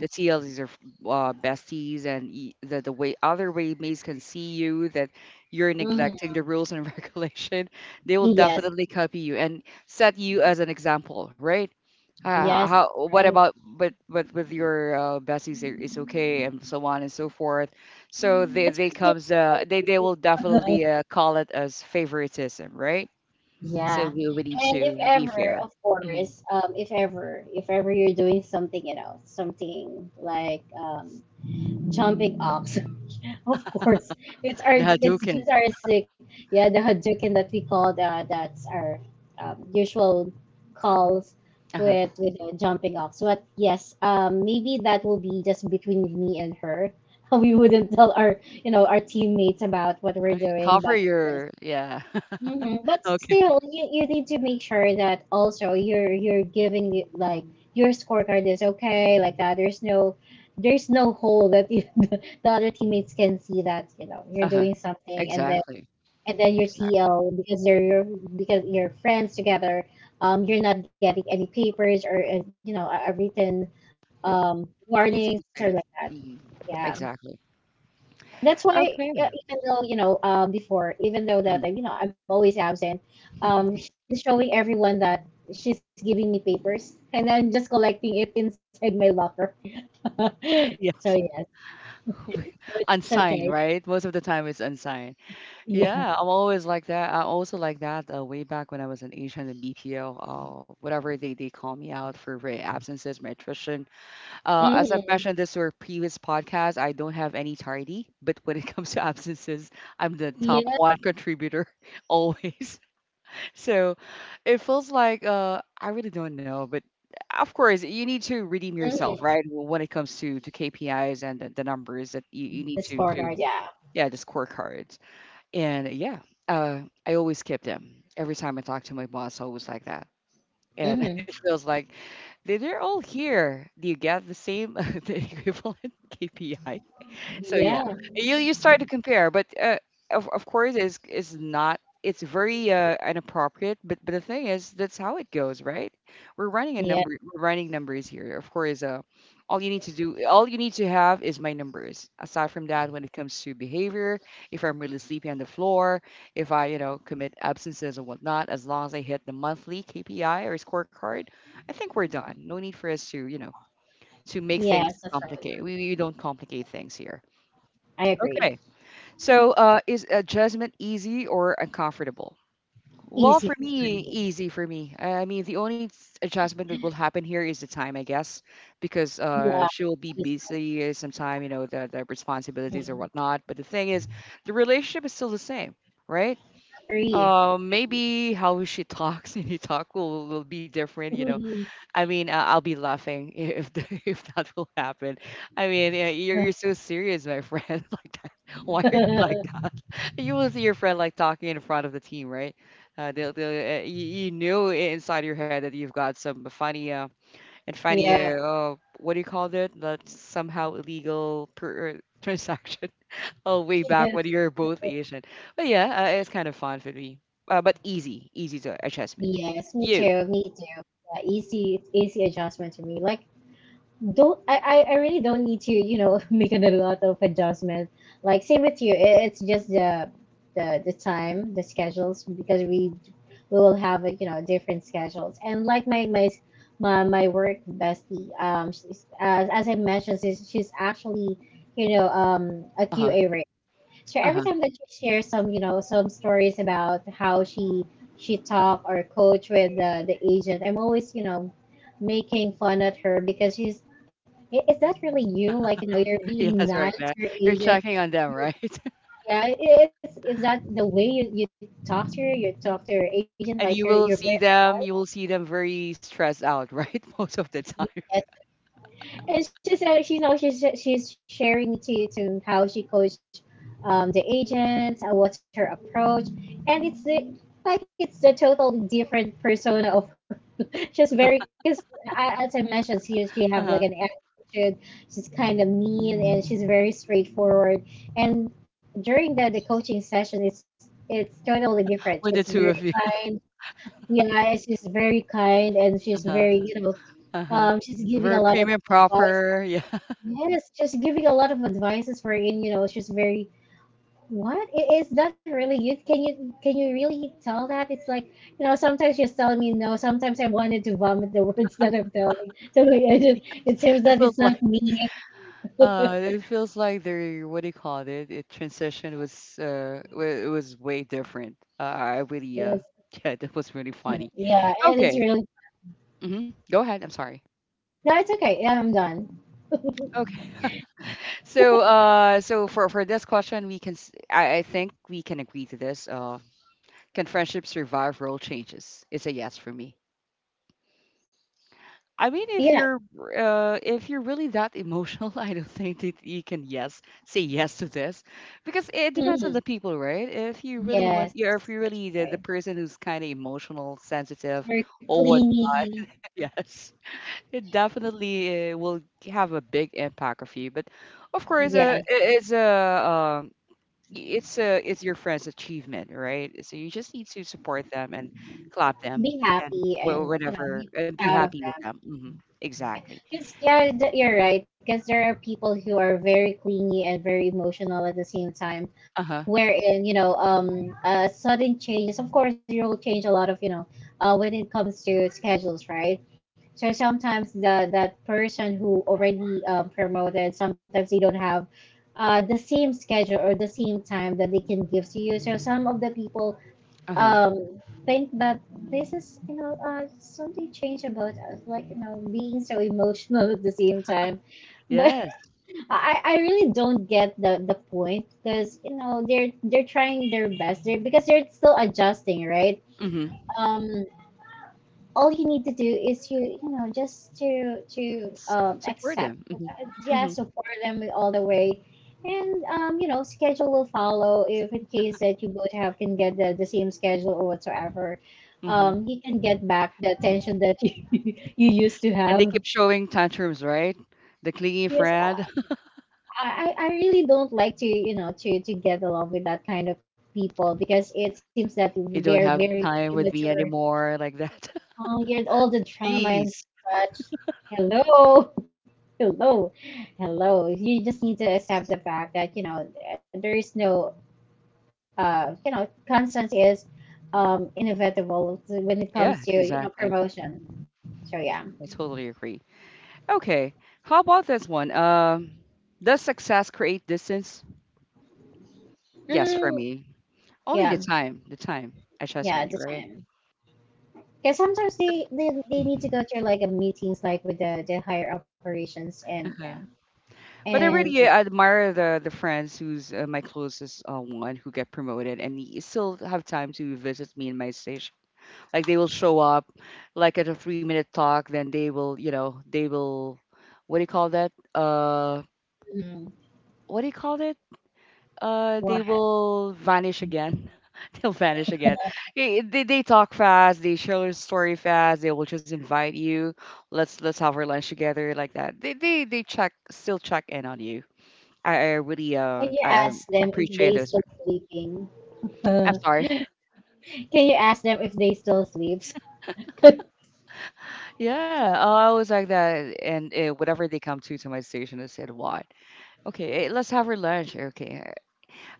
[SPEAKER 1] the TLs are f- besties, and y- the way other waymates can see you that you're neglecting
[SPEAKER 2] Mhm.
[SPEAKER 1] the rules and regulation, they will definitely
[SPEAKER 2] Yes.
[SPEAKER 1] copy you and set you as an example, right? How?
[SPEAKER 2] Yes, that's
[SPEAKER 1] What about?
[SPEAKER 2] right.
[SPEAKER 1] But with your besties, it- it's okay, and so on and so forth. So they
[SPEAKER 2] It's
[SPEAKER 1] they comes they will definitely call it as favoritism, right? So
[SPEAKER 2] Yeah.
[SPEAKER 1] we need
[SPEAKER 2] And if
[SPEAKER 1] to be
[SPEAKER 2] ever,
[SPEAKER 1] fair.
[SPEAKER 2] of
[SPEAKER 1] Mhm.
[SPEAKER 2] course, if ever you're doing something like um, jumping ox, of course,
[SPEAKER 1] The
[SPEAKER 2] it's
[SPEAKER 1] Hadouken.
[SPEAKER 2] just our sick, yeah, the Hadouken that we call that's our usual calls
[SPEAKER 1] Uh-huh.
[SPEAKER 2] with with the jumping ox. But yes, maybe that will be just between me and her. We wouldn't tell our teammates about what we're
[SPEAKER 1] I mean,
[SPEAKER 2] doing,
[SPEAKER 1] cover
[SPEAKER 2] but yes.
[SPEAKER 1] your yeah.
[SPEAKER 2] Mhm. But
[SPEAKER 1] Okay.
[SPEAKER 2] still, you need to make sure that also you're giving it like your scorecard is okay like that. There's no hole that you, the other teammates can see that you're
[SPEAKER 1] Uh-huh.
[SPEAKER 2] doing something, and then
[SPEAKER 1] Exactly.
[SPEAKER 2] your
[SPEAKER 1] Exactly.
[SPEAKER 2] TL because they're your because you're friends together. You're not getting any papers or a written
[SPEAKER 1] Yeah.
[SPEAKER 2] um
[SPEAKER 1] Need to be
[SPEAKER 2] warnings or
[SPEAKER 1] safe.
[SPEAKER 2] like that.
[SPEAKER 1] Mhm.
[SPEAKER 2] Yeah,
[SPEAKER 1] Exactly.
[SPEAKER 2] that's why,
[SPEAKER 1] Okay.
[SPEAKER 2] even though before, even though
[SPEAKER 1] Mhm.
[SPEAKER 2] that I'm always absent, she's showing everyone that she's giving me papers and I'm just collecting it inside my locker.
[SPEAKER 1] Yes.
[SPEAKER 2] So yes, so it's
[SPEAKER 1] Unsigned,
[SPEAKER 2] okay.
[SPEAKER 1] right? Most of the time it's unsigned.
[SPEAKER 2] Yeah.
[SPEAKER 1] Yeah, I'm always like that. I also like that way back when I was an agent in BPO, whatever they call me out for my absences, my attrition. As I've mentioned
[SPEAKER 2] Mm-hmm.
[SPEAKER 1] this or previous podcast, I don't have any tardy, but when it comes to absences, I'm the top
[SPEAKER 2] Yeah.
[SPEAKER 1] one contributor always. So it feels like I really don't know, but of course you need to redeem yourself,
[SPEAKER 2] Mm-hmm.
[SPEAKER 1] right? When it comes to KPIs and the numbers that you
[SPEAKER 2] The
[SPEAKER 1] need to
[SPEAKER 2] scorecard, yeah.
[SPEAKER 1] yeah the scorecards and yeah, I always skip them every time I talk to my boss. Always like that and
[SPEAKER 2] Mm-hmm.
[SPEAKER 1] it feels like they're all here. Do you get the same the equivalent KPI? So yeah,
[SPEAKER 2] Yeah,
[SPEAKER 1] you start to compare, but of course is not. It's very inappropriate, but the thing is, that's how it goes, right? We're running a
[SPEAKER 2] yeah.
[SPEAKER 1] number, we're running numbers here. Of course, all you need to do, all you need to have is my numbers. Aside from that, when it comes to behavior, if I'm really sleepy on the floor, if I, you know, commit absences and whatnot, as long as I hit the monthly KPI or scorecard, I think we're done. No need for us to, you know, to make things
[SPEAKER 2] Yes, that's
[SPEAKER 1] complicated.
[SPEAKER 2] right.
[SPEAKER 1] We don't complicate things here.
[SPEAKER 2] I
[SPEAKER 1] Okay.
[SPEAKER 2] agree.
[SPEAKER 1] So, is adjustment easy or uncomfortable? Well, for
[SPEAKER 2] Easy for
[SPEAKER 1] me,
[SPEAKER 2] me.
[SPEAKER 1] easy for me. I mean, the only s- adjustment that will happen here is the time, I guess, because
[SPEAKER 2] Yeah,
[SPEAKER 1] she will be
[SPEAKER 2] that's right.
[SPEAKER 1] busy sometime, you know, the responsibilities or
[SPEAKER 2] Mhm.
[SPEAKER 1] whatnot. But the thing is, the relationship is still the same, right?
[SPEAKER 2] Free.
[SPEAKER 1] Maybe how she talks and he talk will be different, you know. I mean, I'll be laughing I- if the, if that will happen. I mean, you're so serious, my friend, like that. Why are you like that? You will see your friend like talking in front of the team, right? They'll, you know I- inside your head that you've got some funny and funny
[SPEAKER 2] Yeah.
[SPEAKER 1] what do you call that? That somehow illegal per, transaction. Oh, way back when
[SPEAKER 2] Yes.
[SPEAKER 1] you're both Asian. But yeah, it's kind of fun for me, but easy, easy to adjustment.
[SPEAKER 2] Yes, me
[SPEAKER 1] You.
[SPEAKER 2] too, me too. Yeah, easy, it's easy adjustment to me. Like, don't, I really don't need to, make a lot of adjustments. Like, same with you. It's just the time, the schedules, because we will have, like, different schedules. And like my work bestie, she's, as I mentioned, she's actually, a
[SPEAKER 1] Uh huh.
[SPEAKER 2] QA. So
[SPEAKER 1] Uh
[SPEAKER 2] every
[SPEAKER 1] huh.
[SPEAKER 2] time that she shares some stories about how she talk or coach with the agent, I'm always, making fun at her because she's " Is that really you? Like, you're being
[SPEAKER 1] Yes, right
[SPEAKER 2] nice
[SPEAKER 1] now.
[SPEAKER 2] to your
[SPEAKER 1] You're
[SPEAKER 2] agent.
[SPEAKER 1] checking on them,
[SPEAKER 2] You,
[SPEAKER 1] right?
[SPEAKER 2] yeah, is that the way you talk to her? You talk to your agent like
[SPEAKER 1] And you
[SPEAKER 2] you're
[SPEAKER 1] will
[SPEAKER 2] you're
[SPEAKER 1] see
[SPEAKER 2] very
[SPEAKER 1] them, you will see them very stressed out, right? Most of the time.
[SPEAKER 2] nice?" and she's now she's sharing to you to how she coached, the agents, and what's her approach, and like it's a total different persona of her. She's very, because, as I mentioned, she have
[SPEAKER 1] Uh-huh.
[SPEAKER 2] like an attitude. She's kind of mean and she's very straightforward. And during the coaching session, it's totally different.
[SPEAKER 1] With the
[SPEAKER 2] She's
[SPEAKER 1] two of
[SPEAKER 2] very
[SPEAKER 1] you.
[SPEAKER 2] kind. Yeah, she's very kind and she's
[SPEAKER 1] Uh-huh.
[SPEAKER 2] very you know
[SPEAKER 1] Uh-huh.
[SPEAKER 2] she's
[SPEAKER 1] Very
[SPEAKER 2] giving a lot
[SPEAKER 1] premium
[SPEAKER 2] of advice.
[SPEAKER 1] proper. Yeah.
[SPEAKER 2] Yes, just giving a lot of advices for in, it's just very, what? Is that really you? Can you really tell that? It's like, sometimes you're telling me no, sometimes I wanted to vomit the words that I'm telling. So like, I just, it seems that
[SPEAKER 1] It
[SPEAKER 2] it's
[SPEAKER 1] feels
[SPEAKER 2] not
[SPEAKER 1] like
[SPEAKER 2] me.
[SPEAKER 1] it feels like their what do you call it? It transition was wa- it was way different. I really
[SPEAKER 2] Yes.
[SPEAKER 1] yeah, that was really funny.
[SPEAKER 2] Yeah, and it's
[SPEAKER 1] Okay.
[SPEAKER 2] really,
[SPEAKER 1] Mm-hmm. Go ahead. I'm sorry.
[SPEAKER 2] no, it's okay. Yeah, I'm done.
[SPEAKER 1] Okay. So, so for this question, I think we can agree to this. Can friendship survive role changes? It's a yes for me. I mean,
[SPEAKER 2] Yeah.
[SPEAKER 1] if you're really that emotional, I don't think that you can yes say yes to this, because it depends on the
[SPEAKER 2] Mm,
[SPEAKER 1] people, right? If you really want,
[SPEAKER 2] yes,
[SPEAKER 1] yeah, if you're
[SPEAKER 2] that's
[SPEAKER 1] really the
[SPEAKER 2] right.
[SPEAKER 1] person who's kind of emotional, sensitive,
[SPEAKER 2] Very
[SPEAKER 1] or what,
[SPEAKER 2] clingy.
[SPEAKER 1] yes, it definitely will have a big impact of you. But of course,
[SPEAKER 2] Yes.
[SPEAKER 1] it is a um, it's your friend's achievement, right? So you just need to support them and clap them
[SPEAKER 2] Be
[SPEAKER 1] and
[SPEAKER 2] happy and,
[SPEAKER 1] whatever
[SPEAKER 2] be
[SPEAKER 1] and be
[SPEAKER 2] proud of
[SPEAKER 1] happy with
[SPEAKER 2] them.
[SPEAKER 1] them. Hmm. Exactly.
[SPEAKER 2] Because, yeah, you're right. Because there are people who are very clingy and very emotional at the same time,
[SPEAKER 1] Uh huh.
[SPEAKER 2] wherein, sudden changes. Of course, you will change a lot of, when it comes to schedules, right? So sometimes the that person who already, promoted, sometimes they don't have the same schedule or the same time that they can give to you. So some of the people
[SPEAKER 1] Uh huh.
[SPEAKER 2] think that this is, something changed about us, like, being so emotional at the same time, but
[SPEAKER 1] Yes.
[SPEAKER 2] I really don't get the point, because, they're trying their best, because they're still adjusting, right?
[SPEAKER 1] Mm-hmm.
[SPEAKER 2] Um all you need to do is, you you know just to to um
[SPEAKER 1] Support
[SPEAKER 2] accept
[SPEAKER 1] them. Mm-hmm.
[SPEAKER 2] Yeah,
[SPEAKER 1] Mm-hmm.
[SPEAKER 2] support them all the way, and schedule will follow if in case that you both have can get the same schedule or whatsoever.
[SPEAKER 1] Hmm.
[SPEAKER 2] You can get back the attention that you you used to
[SPEAKER 1] And they
[SPEAKER 2] have.
[SPEAKER 1] keep showing tantrums, right? The clingy
[SPEAKER 2] Yes,
[SPEAKER 1] friend.
[SPEAKER 2] I really don't like to get along with that kind of people because it seems that
[SPEAKER 1] You don't
[SPEAKER 2] they're
[SPEAKER 1] have
[SPEAKER 2] very
[SPEAKER 1] time with me
[SPEAKER 2] immature.
[SPEAKER 1] anymore, like that.
[SPEAKER 2] Oh, here's all the trauma and
[SPEAKER 1] Jeez.
[SPEAKER 2] such. Hello, hello, hello. You just need to accept the fact that, there is no conscience, is inevitable when it
[SPEAKER 1] Yeah,
[SPEAKER 2] comes to,
[SPEAKER 1] exactly.
[SPEAKER 2] promotion. So yeah.
[SPEAKER 1] I totally agree. Okay. How about this one? Does success create distance? Yes, for
[SPEAKER 2] Mm,
[SPEAKER 1] me. Only
[SPEAKER 2] yeah.
[SPEAKER 1] the time
[SPEAKER 2] Yeah, the
[SPEAKER 1] adjustment, right?
[SPEAKER 2] time. Because sometimes they need to
[SPEAKER 1] Mhm.
[SPEAKER 2] go to like a meetings, like with the higher operations, and yeah,
[SPEAKER 1] Uh-huh. But I
[SPEAKER 2] and yeah.
[SPEAKER 1] really admire the friends who's my closest one who get promoted and he still have time to visit me in my station. Like they will show up, like at a 3-minute talk, then they will, you know, they will, what do you call that?
[SPEAKER 2] Mhm.
[SPEAKER 1] What do you call that?
[SPEAKER 2] Why?
[SPEAKER 1] They will vanish again. They'll vanish again. Eh, they talk fast, they share their story fast, they will just invite you, let's have our lunch together, like that they check still check in on you. I really
[SPEAKER 2] Can you ask
[SPEAKER 1] I
[SPEAKER 2] them if they
[SPEAKER 1] appreciate
[SPEAKER 2] still
[SPEAKER 1] those.
[SPEAKER 2] sleeping? Uh,
[SPEAKER 1] I'm sorry.
[SPEAKER 2] Can you ask them if they still sleeps?
[SPEAKER 1] Yeah, I was like that and whatever they come to my station I said what, okay eh, let's have our lunch, okay.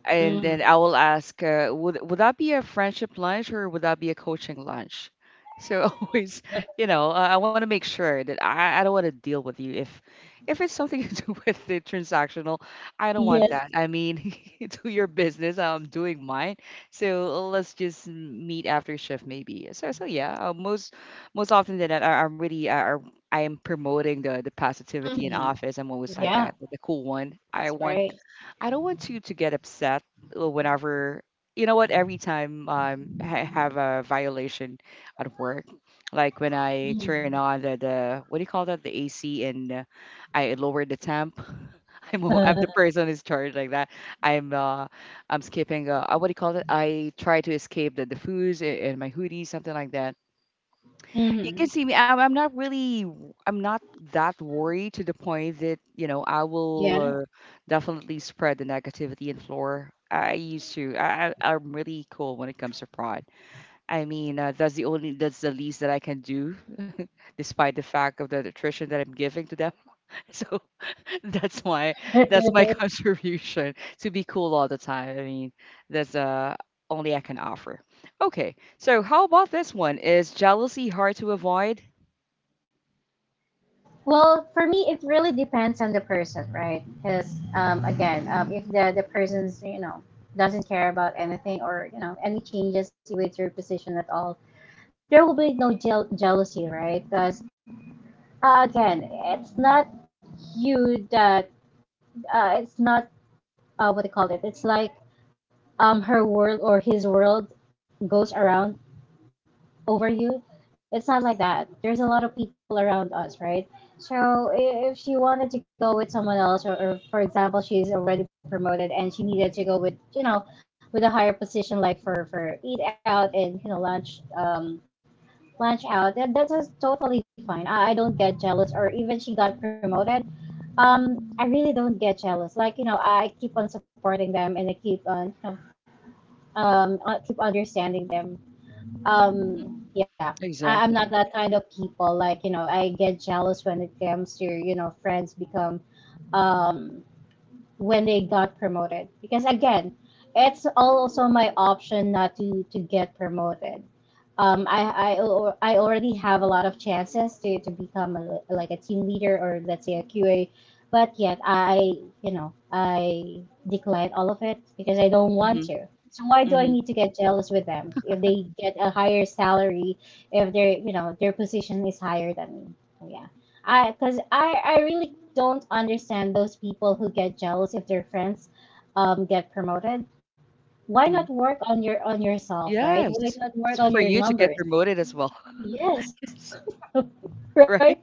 [SPEAKER 1] And then
[SPEAKER 2] Mm.
[SPEAKER 1] I will ask, would that be a friendship lunch or would that be a coaching lunch? So always, you know, I want to make sure that I don't want to deal with you if it's something to do with the transactional. I don't want
[SPEAKER 2] Yes.
[SPEAKER 1] that. I mean, do your business. I'm doing mine. So let's just meet after shift maybe. So so yeah, most most often than that, I'm really I am promoting the positivity in
[SPEAKER 2] Mhm.
[SPEAKER 1] office. I'm always like
[SPEAKER 2] Yeah,
[SPEAKER 1] that, the cool one.
[SPEAKER 2] that's
[SPEAKER 1] I want
[SPEAKER 2] right.
[SPEAKER 1] I don't want you to get upset whenever, you know what, every time I have a violation at work, like when I turn
[SPEAKER 2] Mhm.
[SPEAKER 1] on the what do you call that, the AC and I lower the temp. I'm the person who's charged like that. I'm uh I'm skipping what do you call it? I try to escape the foods in my hoodie, something like that. You
[SPEAKER 2] Mhm.
[SPEAKER 1] can see me. I'm not really, I'm not that worried to the point that, you know, I will
[SPEAKER 2] Yeah.
[SPEAKER 1] definitely spread the negativity and floor. I used to. I'm really cool when it comes to pride. I mean, that's the only, that's the least that I can do, despite the fact of the nutrition that I'm giving to them. So that's my, that's my contribution to be cool all the time. I mean, that's only I can offer. Okay, so how about this one? Is jealousy hard to avoid?
[SPEAKER 2] Well, for me, it really depends on the person, right? Because, again, if the person's, doesn't care about anything or, any changes with your position at all, there will be no jealousy, right? Because, again, it's not you that, it's not, what do you call it. It's like, her world or his world goes around over you. It's not like that. There's a lot of people around us, right? So if she wanted to go with someone else, or for example, she's already promoted and she needed to go with a higher position, like for eat out and, lunch, lunch out, that's totally fine. I don't get jealous, or even she got promoted. I really don't get jealous. Like, I keep on supporting them and I keep on, I keep understanding them, um yeah. I'm not
[SPEAKER 1] Exactly.
[SPEAKER 2] that kind of people like, I get jealous when it comes to, friends become, um when they got promoted, because again, it's also my option not to get promoted. Um, I, I I already have a lot of chances to become a, like a team leader or let's say a QA, but yet I you know I decline all of it because I don't want
[SPEAKER 1] Mhm,
[SPEAKER 2] to. So why do I
[SPEAKER 1] mhm,
[SPEAKER 2] need to get jealous with them if they get a higher salary, if their you know their position is higher than me? So yeah, I because I really don't understand those people who get jealous if their friends get promoted. Why not
[SPEAKER 1] mhm.
[SPEAKER 2] work on your, on yourself, right? Why
[SPEAKER 1] Yes.
[SPEAKER 2] not work
[SPEAKER 1] It's
[SPEAKER 2] on
[SPEAKER 1] for
[SPEAKER 2] your
[SPEAKER 1] you to get
[SPEAKER 2] numbers?
[SPEAKER 1] promoted as well.
[SPEAKER 2] Yes.
[SPEAKER 1] Right?
[SPEAKER 2] Right?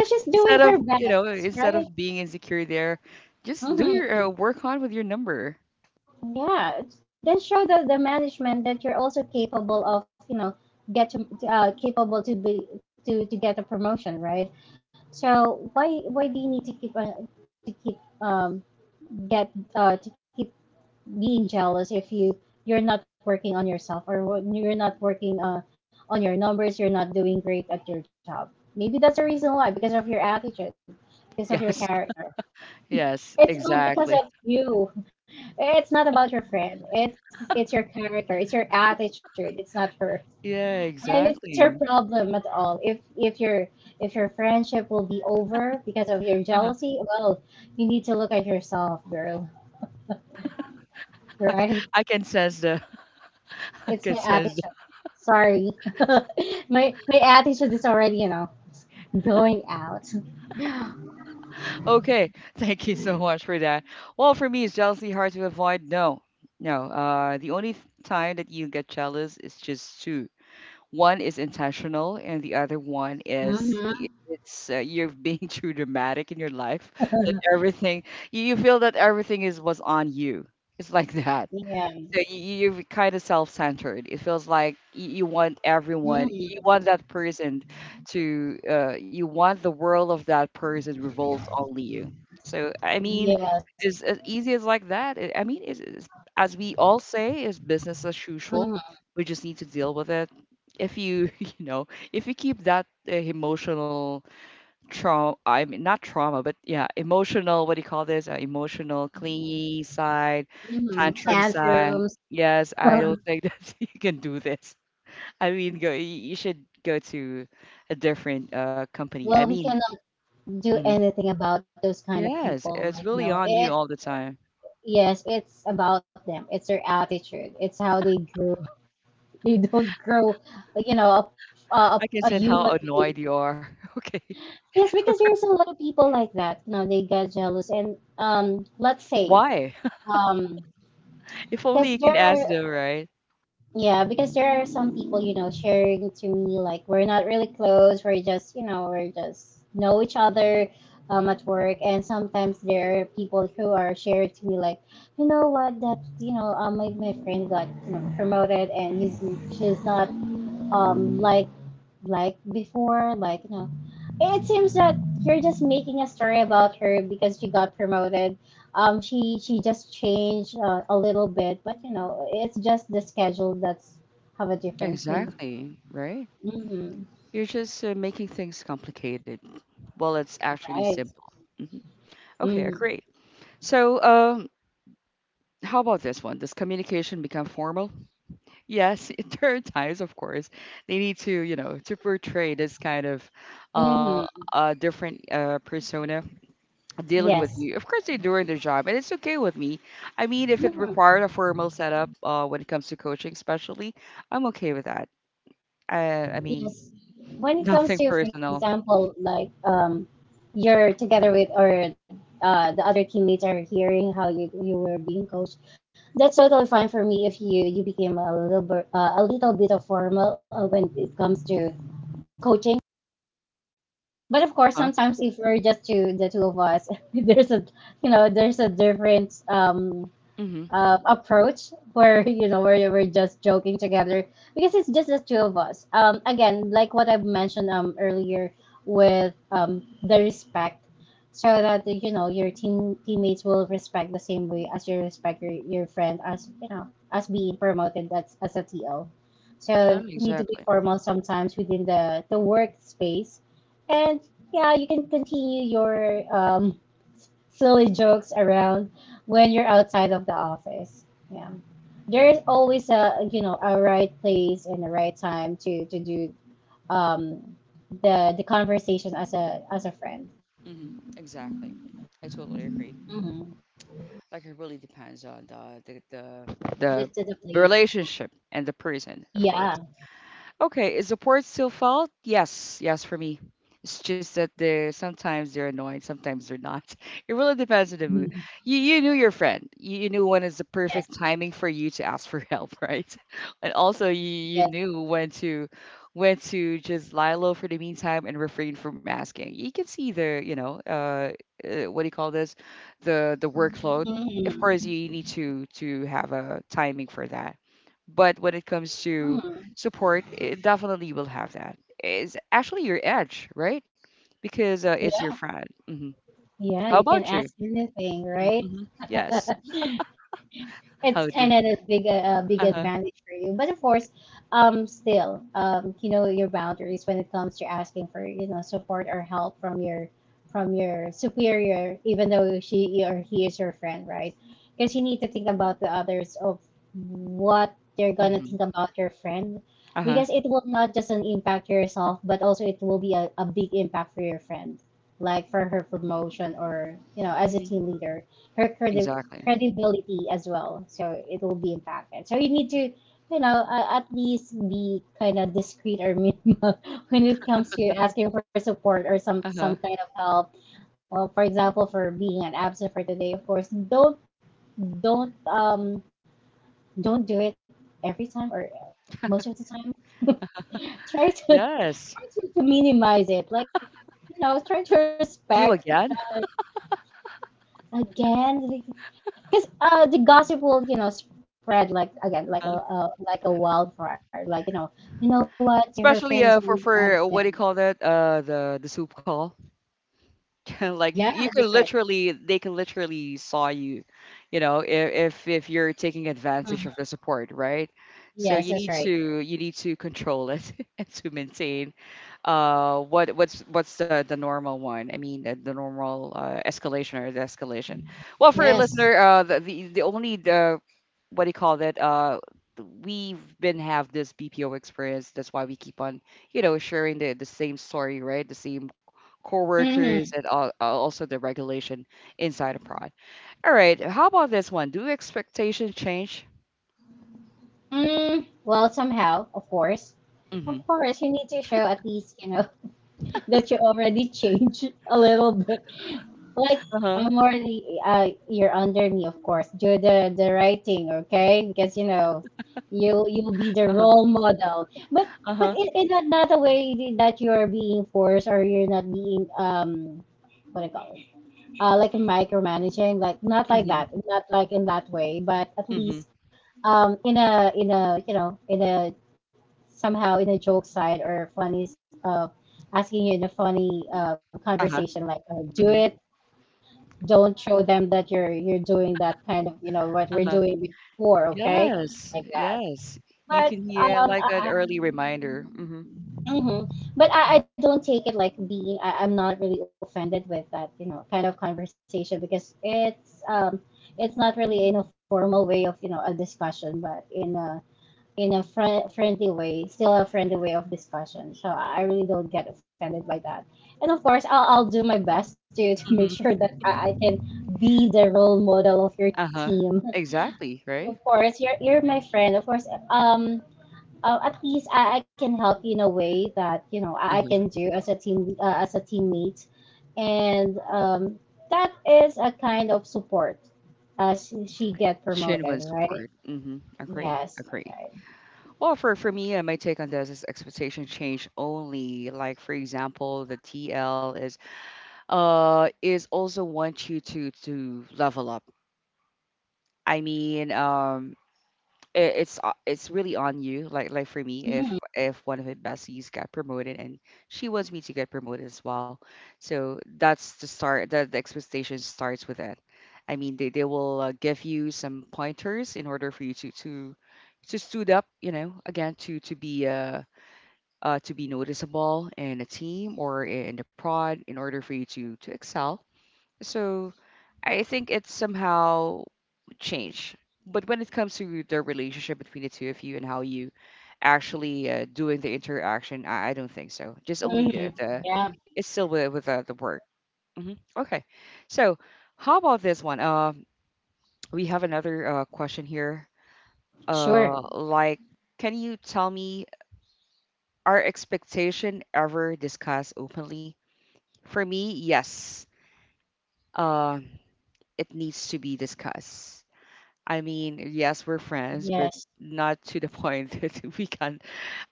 [SPEAKER 2] Because she's
[SPEAKER 1] Instead
[SPEAKER 2] doing
[SPEAKER 1] of,
[SPEAKER 2] her
[SPEAKER 1] you know,
[SPEAKER 2] best,
[SPEAKER 1] instead
[SPEAKER 2] right?
[SPEAKER 1] of being insecure there, just do
[SPEAKER 2] Mm-hmm.
[SPEAKER 1] your work on with your number.
[SPEAKER 2] Yeah. Then show the management that you're also capable of, get to, capable to be to get a promotion, right? So why do you need to keep, to keep um get uh, to keep being jealous if you're not working on yourself, or you're not working, on your numbers, you're not doing great at your job. Maybe that's the reason why, because of your attitude, because of your
[SPEAKER 1] Yes.
[SPEAKER 2] character.
[SPEAKER 1] Yes,
[SPEAKER 2] It's not because
[SPEAKER 1] exactly.
[SPEAKER 2] of you. It's not about your friend. It's your character. It's your attitude. It's not her,
[SPEAKER 1] Yeah,
[SPEAKER 2] and it's your
[SPEAKER 1] exactly.
[SPEAKER 2] problem at all. If your friendship will be over because of your
[SPEAKER 1] Uh-huh.
[SPEAKER 2] jealousy, well, you need to look at yourself, girl.
[SPEAKER 1] I,
[SPEAKER 2] Right?
[SPEAKER 1] I can sense the, I
[SPEAKER 2] It's
[SPEAKER 1] can
[SPEAKER 2] my
[SPEAKER 1] sense the.
[SPEAKER 2] attitude. Sorry, my attitude is already, going out.
[SPEAKER 1] Okay, thank you so much for that. Well, for me, is jealousy hard to avoid? No, no. The only time that you get jealous is just two. One is intentional, and the other one is
[SPEAKER 2] Hmm.
[SPEAKER 1] it's you're being too dramatic in your life that everything you you feel that everything is was on you. It's like that.
[SPEAKER 2] Yeah.
[SPEAKER 1] So you, you're kind of self-centered. It feels like you want everyone,
[SPEAKER 2] Mhm.
[SPEAKER 1] you want that person to, you want the world of that person revolves only you. So I mean,
[SPEAKER 2] Yes.
[SPEAKER 1] it's as easy as like that. I mean, it's, as we all say, is business as usual.
[SPEAKER 2] Mm-hmm.
[SPEAKER 1] We just need to deal with it. If you, you know, if you keep that emotional trau I mean not trauma, but yeah, emotional, what do you call this? Emotional clingy side,
[SPEAKER 2] Mm-hmm.
[SPEAKER 1] tantrum side.
[SPEAKER 2] Tantrums.
[SPEAKER 1] Yes, I don't think that you can do this. I mean, go, you should go to a different company. I
[SPEAKER 2] Well, we
[SPEAKER 1] mean,
[SPEAKER 2] cannot do
[SPEAKER 1] mhm.
[SPEAKER 2] anything about those kind of
[SPEAKER 1] Yes,
[SPEAKER 2] people.
[SPEAKER 1] it's
[SPEAKER 2] Like,
[SPEAKER 1] really on you
[SPEAKER 2] it's
[SPEAKER 1] all the time.
[SPEAKER 2] yes, it's about them. It's their attitude. It's how they grow. They don't grow, you know, a, a,
[SPEAKER 1] I can
[SPEAKER 2] a
[SPEAKER 1] sense how
[SPEAKER 2] human
[SPEAKER 1] annoyed
[SPEAKER 2] being.
[SPEAKER 1] you are. Okay.
[SPEAKER 2] Yes, because there's a lot of people like that. You know, they got jealous, and, let's say,
[SPEAKER 1] Why?
[SPEAKER 2] um,
[SPEAKER 1] If only
[SPEAKER 2] because
[SPEAKER 1] you can
[SPEAKER 2] there
[SPEAKER 1] ask
[SPEAKER 2] are
[SPEAKER 1] them, right?
[SPEAKER 2] yeah, because there are some people, sharing to me like we're not really close, we're just know each other at work, and sometimes there are people who are sharing to me like, you know what, that, my friend got, promoted, and he's she's not, um like like before, like, it seems that you're just making a story about her because she got promoted. She just changed, a little bit, but, it's just the schedule that's have a difference.
[SPEAKER 1] Exactly, right?
[SPEAKER 2] Mm-hmm,
[SPEAKER 1] You're just making things complicated. Well, it's actually simple.
[SPEAKER 2] right.
[SPEAKER 1] Hmm. Okay, I
[SPEAKER 2] Mm-hmm.
[SPEAKER 1] agree. So, how about this one? Does communication become formal? Yes, there are times, of course, they need to, you know, to portray this kind of uh,
[SPEAKER 2] Mm-hmm.
[SPEAKER 1] different persona dealing with
[SPEAKER 2] Yes.
[SPEAKER 1] you. Of course, they're doing their job, and it's okay with me. I mean, if it
[SPEAKER 2] Mm-hmm.
[SPEAKER 1] required a formal setup when it comes to coaching, especially, I'm okay with that. I mean,
[SPEAKER 2] Yes. When it
[SPEAKER 1] nothing
[SPEAKER 2] comes to, for
[SPEAKER 1] personal,
[SPEAKER 2] example, you're together with or the other teammates are hearing how you were being coached, that's totally fine for me if you became a little bit of formal when it comes to coaching. But of course,
[SPEAKER 1] huh?
[SPEAKER 2] sometimes if we're just two, the two of us, there's a you know there's a different
[SPEAKER 1] Mm-hmm.
[SPEAKER 2] approach where you know where we're just joking together because it's just the two of us. Again, like what I've mentioned earlier with the respect, so that you know your teammates will respect the same way as you respect your friend as you know as being promoted as a TL. So you need to be
[SPEAKER 1] Exactly.
[SPEAKER 2] formal sometimes within the workspace, and yeah, you can continue your um silly jokes around when you're outside of the office. Yeah. There is always a you know a right place and the right time to do um the conversation as a friend.
[SPEAKER 1] Mm-hmm. Exactly. I totally agree.
[SPEAKER 2] Mm-hmm.
[SPEAKER 1] Like it really depends on
[SPEAKER 2] This
[SPEAKER 1] the,
[SPEAKER 2] is the
[SPEAKER 1] the
[SPEAKER 2] place.
[SPEAKER 1] relationship and the person, of
[SPEAKER 2] Yeah.
[SPEAKER 1] course. Okay, is the port still fault? Yes, yes, for me. It's just that they're sometimes they're annoying, sometimes they're not. It really depends on the mood.
[SPEAKER 2] Mhm.
[SPEAKER 1] You knew your friend. You knew when is the
[SPEAKER 2] Yes.
[SPEAKER 1] perfect timing for you to ask for help, right? And also you
[SPEAKER 2] Yes.
[SPEAKER 1] knew when to just lie low for the meantime and refrain from asking. You can see the you know what do you call this, the workload. Of course,
[SPEAKER 2] Mm-hmm.
[SPEAKER 1] you need to have a timing for that. But when it comes to
[SPEAKER 2] Mm-hmm.
[SPEAKER 1] support, it definitely will have that, it's actually your edge, right? Because it's your
[SPEAKER 2] Yeah.
[SPEAKER 1] friend. Hmm.
[SPEAKER 2] Yeah.
[SPEAKER 1] How
[SPEAKER 2] You
[SPEAKER 1] about
[SPEAKER 2] can
[SPEAKER 1] you?
[SPEAKER 2] ask anything, right?
[SPEAKER 1] Mm-hmm. Yes. How
[SPEAKER 2] It's
[SPEAKER 1] do,
[SPEAKER 2] kind of this big big
[SPEAKER 1] uh-huh.
[SPEAKER 2] advantage for you. But of course, still, you know your boundaries when it comes to asking for you know support or help from your superior, even though she or he is your friend, right? Because you need to think about the others of what they're gonna
[SPEAKER 1] Hmm.
[SPEAKER 2] think about your friend,
[SPEAKER 1] Uh-huh.
[SPEAKER 2] because it will not just an impact yourself, but also it will be a big impact for your friend like for her promotion or you know as a
[SPEAKER 1] Hmm.
[SPEAKER 2] team leader her
[SPEAKER 1] Exactly.
[SPEAKER 2] credibility as well so it will be impacted so you need to you know at least be kind of discreet or minimal when it comes to asking for support or some
[SPEAKER 1] Uh-huh.
[SPEAKER 2] some kind of help. Well, for example for being an absent for today of course don't don't um don't do it every time or most of the time try to
[SPEAKER 1] Yes.
[SPEAKER 2] to minimize it like you know try to
[SPEAKER 1] You
[SPEAKER 2] respect.
[SPEAKER 1] again,
[SPEAKER 2] Again, because the gossip will, you know, spread like again,
[SPEAKER 1] uh
[SPEAKER 2] like a wildfire. Like you know what? Her friend
[SPEAKER 1] especially
[SPEAKER 2] is always
[SPEAKER 1] for what do you
[SPEAKER 2] absent.
[SPEAKER 1] call that, the soup call. Like
[SPEAKER 2] Yeah,
[SPEAKER 1] you can
[SPEAKER 2] that's right.
[SPEAKER 1] literally, they can literally saw you, you know, if you're taking advantage
[SPEAKER 2] Mm,
[SPEAKER 1] of the support, right? So
[SPEAKER 2] yes, that's right.
[SPEAKER 1] you need to control it and to maintain what what's the normal one, I mean the normal escalation or the escalation, well for a
[SPEAKER 2] Yes.
[SPEAKER 1] listener, the only the what do you call that, we've been have this BPO experience, that's why we keep on, you know, sharing the same story, right? The same
[SPEAKER 2] Hmm.
[SPEAKER 1] co-workers and also the regulation inside a prod. All right, how about this one? Do expectations change?
[SPEAKER 2] Mm, well, somehow, of
[SPEAKER 1] Mm-hmm.
[SPEAKER 2] course, you need to show at least you know that you already changed a little bit. Like
[SPEAKER 1] Uh-huh.
[SPEAKER 2] I'm already, you're under me, of course, due to the writing, okay? Because you know you you'll be the
[SPEAKER 1] Uh-huh.
[SPEAKER 2] role model but but
[SPEAKER 1] Uh-huh.
[SPEAKER 2] in another way that you're being forced or you're not being um what I call it, like micromanaging like not like
[SPEAKER 1] Mm-hmm.
[SPEAKER 2] that not like in that way but at
[SPEAKER 1] Mm-hmm.
[SPEAKER 2] least in a you know in a somehow in a joke side or funny uh asking you in a funny
[SPEAKER 1] Uh-huh.
[SPEAKER 2] conversation like
[SPEAKER 1] Mm-hmm.
[SPEAKER 2] do it don't show them that you're doing that kind of you know what we're
[SPEAKER 1] Uh-huh.
[SPEAKER 2] doing before okay
[SPEAKER 1] Yes.
[SPEAKER 2] like that
[SPEAKER 1] Yes. You
[SPEAKER 2] but
[SPEAKER 1] can hear
[SPEAKER 2] um,
[SPEAKER 1] like an
[SPEAKER 2] I,
[SPEAKER 1] early reminder. Mm-hmm.
[SPEAKER 2] hmm but I don't take it like being I'm not really offended with that you know kind of conversation because it's not really in a formal way of you know a discussion but in a friendly way still a friendly way of discussion so I really don't get offended by that and of course I'll do my best to make
[SPEAKER 1] Mm-hmm.
[SPEAKER 2] sure that I can be the role model of your
[SPEAKER 1] Uh-huh.
[SPEAKER 2] team
[SPEAKER 1] Exactly, right?
[SPEAKER 2] of course you're my friend of course um at least I can help you in a way that you know I can
[SPEAKER 1] Uh-huh.
[SPEAKER 2] do as a team as a teammate, and that is a kind of support as she gets promoted,
[SPEAKER 1] Genuine
[SPEAKER 2] right?
[SPEAKER 1] support. Mm-hmm. Agree.
[SPEAKER 2] Yes, that's
[SPEAKER 1] Agree.
[SPEAKER 2] right.
[SPEAKER 1] Well, for me, my take on this is expectation change only. Like, for example, the TL is also want you to level up, I mean it, it's really on you, like for me
[SPEAKER 2] Mm-hmm.
[SPEAKER 1] if one of my besties got promoted and she wants me to get promoted as well, so that's the start the expectation starts with that. I mean they will give you some pointers in order for you to stood up, you know, again to be noticeable in a team or in the prod in order for you to excel, so I think it's somehow changed. But when it comes to the relationship between the two of you and how you actually doing the interaction, I don't think so. Just only
[SPEAKER 2] Mm-hmm.
[SPEAKER 1] the
[SPEAKER 2] Yeah,
[SPEAKER 1] it's still with the work. Hmm. Okay. So how about this one? We have another question here.
[SPEAKER 2] sure.
[SPEAKER 1] Like, can you tell me, are expectation ever discussed openly? For me, yes. Uh, it needs to be discussed, I mean, yes, we're friends, but
[SPEAKER 2] Yes,
[SPEAKER 1] not to the point that we can.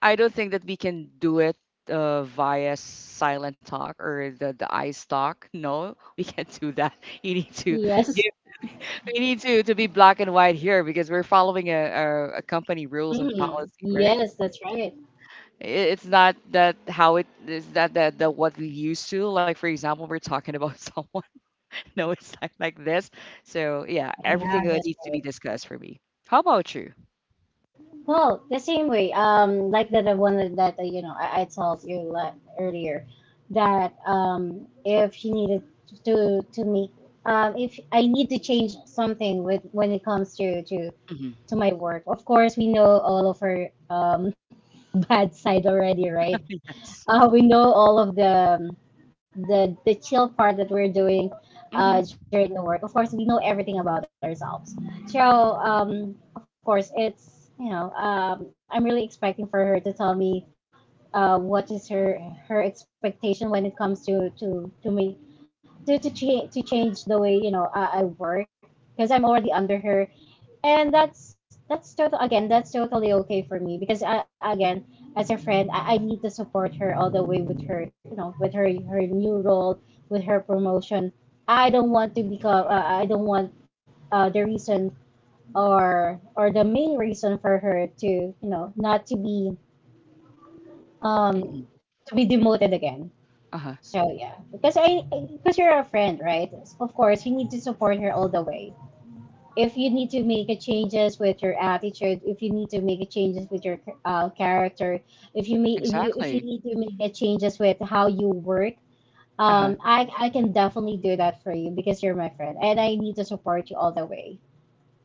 [SPEAKER 1] I don't think that we can do it via silent talk or the eyes talk. No, we can't do that. You need to
[SPEAKER 2] yes,
[SPEAKER 1] give. We need to be black and white here because we're following a a company rules
[SPEAKER 2] mm
[SPEAKER 1] and policy,
[SPEAKER 2] yes,
[SPEAKER 1] right?
[SPEAKER 2] that's right.
[SPEAKER 1] I- it's not that how it is that that that what we used to like. For example, we're talking about someone. No, it's not like this. So yeah,
[SPEAKER 2] Yeah,
[SPEAKER 1] everything
[SPEAKER 2] that's
[SPEAKER 1] needs to
[SPEAKER 2] right.
[SPEAKER 1] be discussed for me. How about you?
[SPEAKER 2] Well, the same way, like the one that, you know I told you like earlier that if you needed to make if I need to change something with when it comes
[SPEAKER 1] Mhm.
[SPEAKER 2] to my work, of course we know all of her bad side already, right?
[SPEAKER 1] Yes.
[SPEAKER 2] We know all of the the chill part that we're doing
[SPEAKER 1] Mhm.
[SPEAKER 2] during the work. Of course, we know everything about ourselves. So, of course, it's you know, I'm really expecting for her to tell me what is her her expectation when it comes to me to change the way you know I work because I'm already under her, and that's totally okay for me because I again as a friend I need to support her all the way with her you know with her her new role with her promotion. I don't want to become I don't want the reason or or the main reason for her to you know not to be
[SPEAKER 1] Mhm.
[SPEAKER 2] to be demoted again.
[SPEAKER 1] Uh-huh.
[SPEAKER 2] So yeah, because I because you're a friend, right? Of course, you need to support her all the way. If you need to make a changes with your attitude, if you need to make a changes with your character, if you
[SPEAKER 1] Exactly.
[SPEAKER 2] need to make a changes with how you work,
[SPEAKER 1] Uh-huh.
[SPEAKER 2] I can definitely do that for you because you're my friend, and I need to support you all the way.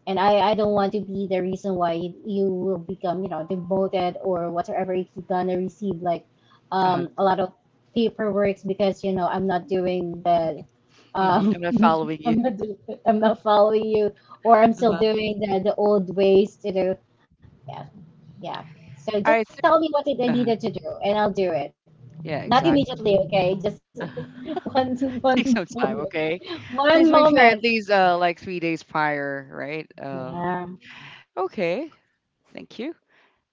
[SPEAKER 2] And I don't want to be the reason why you will become you know demoted or whatever if you're gonna receive like
[SPEAKER 1] Uh-huh.
[SPEAKER 2] a lot of paperwork because you know I'm not doing the um,
[SPEAKER 1] Mhm. I'm not following you.
[SPEAKER 2] I'm not doing, I'm not following you or I'm still
[SPEAKER 1] Uh-huh.
[SPEAKER 2] doing the old ways to do yeah yeah so
[SPEAKER 1] All right.
[SPEAKER 2] just tell me what it I
[SPEAKER 1] Uh-huh.
[SPEAKER 2] needed to do and I'll do it
[SPEAKER 1] Yeah,
[SPEAKER 2] not
[SPEAKER 1] exactly.
[SPEAKER 2] immediately okay just one
[SPEAKER 1] Take
[SPEAKER 2] one
[SPEAKER 1] some time,
[SPEAKER 2] moment
[SPEAKER 1] okay? Please
[SPEAKER 2] one
[SPEAKER 1] make sure at
[SPEAKER 2] moment
[SPEAKER 1] least like 3 days prior, right?
[SPEAKER 2] yeah
[SPEAKER 1] Okay. Thank you.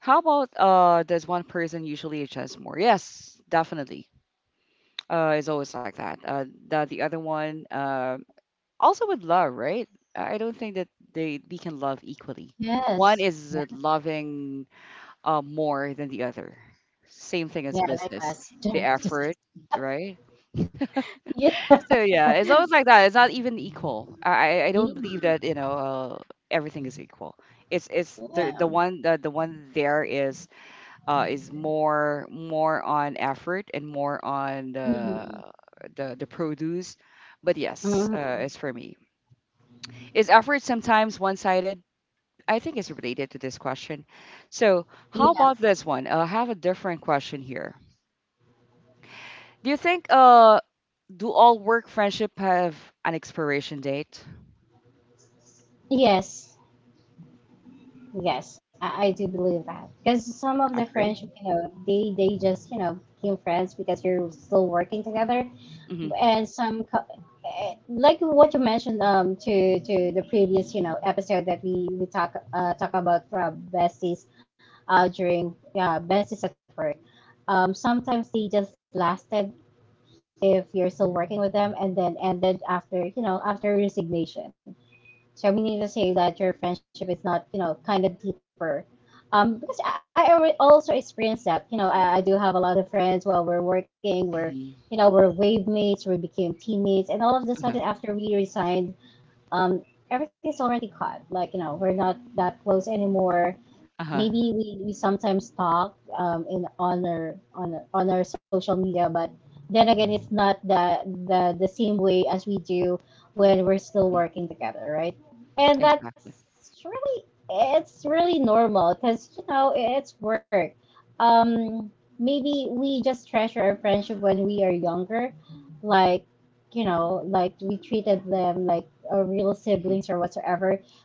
[SPEAKER 1] How about does one person usually adjust more? Yes, definitely. It's always like that. The other one also with love, right? I don't think that they we can love equally.
[SPEAKER 2] yes
[SPEAKER 1] One is
[SPEAKER 2] yeah,
[SPEAKER 1] loving more than the other. Same thing
[SPEAKER 2] yeah
[SPEAKER 1] as
[SPEAKER 2] like
[SPEAKER 1] business,
[SPEAKER 2] us
[SPEAKER 1] the
[SPEAKER 2] just kidding.
[SPEAKER 1] effort, right?
[SPEAKER 2] Yeah.
[SPEAKER 1] So yeah, it's always like that. It's not even equal. I don't
[SPEAKER 2] Yeah.
[SPEAKER 1] believe that you know everything is equal. It's the
[SPEAKER 2] Yeah.
[SPEAKER 1] one the one there is more on effort and more on the
[SPEAKER 2] Mhm.
[SPEAKER 1] the the produce. But
[SPEAKER 2] Mhm.
[SPEAKER 1] yes, it's for me. Is effort sometimes one sided? I think it's related to this question. So how
[SPEAKER 2] Yeah.
[SPEAKER 1] about this one? I have a different question here. Do you think do all work friendship have an expiration date?
[SPEAKER 2] Yes. Yes, I do believe that because some of
[SPEAKER 1] I
[SPEAKER 2] the
[SPEAKER 1] agree.
[SPEAKER 2] friendship, you know, they just you know became friends because you're still working together,
[SPEAKER 1] Mhm.
[SPEAKER 2] and like what you mentioned to the previous you know episode that we talk talk about from besties, during besties at work. Sometimes they just lasted if you're still working with them, and then ended after you know after resignation. So we need to say that your friendship is not you know kind of deeper because I also experienced that. You know, I do have a lot of friends while we're working.
[SPEAKER 1] Mhm.
[SPEAKER 2] You know, we're wave mates. We became teammates, and all of a
[SPEAKER 1] Uh-huh.
[SPEAKER 2] sudden, after we resigned, um, everything's already cut. Like, you know, we're not that close anymore.
[SPEAKER 1] Uh-huh.
[SPEAKER 2] Maybe we sometimes talk in on our social media, but then again, it's not that the same way as we do when we're still
[SPEAKER 1] Mhm.
[SPEAKER 2] working together, right? And that's
[SPEAKER 1] Exactly.
[SPEAKER 2] really it's really normal because you know it's work um maybe we just treasure our friendship when we are younger like you know like we treated them like a real
[SPEAKER 1] Mhm.
[SPEAKER 2] siblings or whatsoever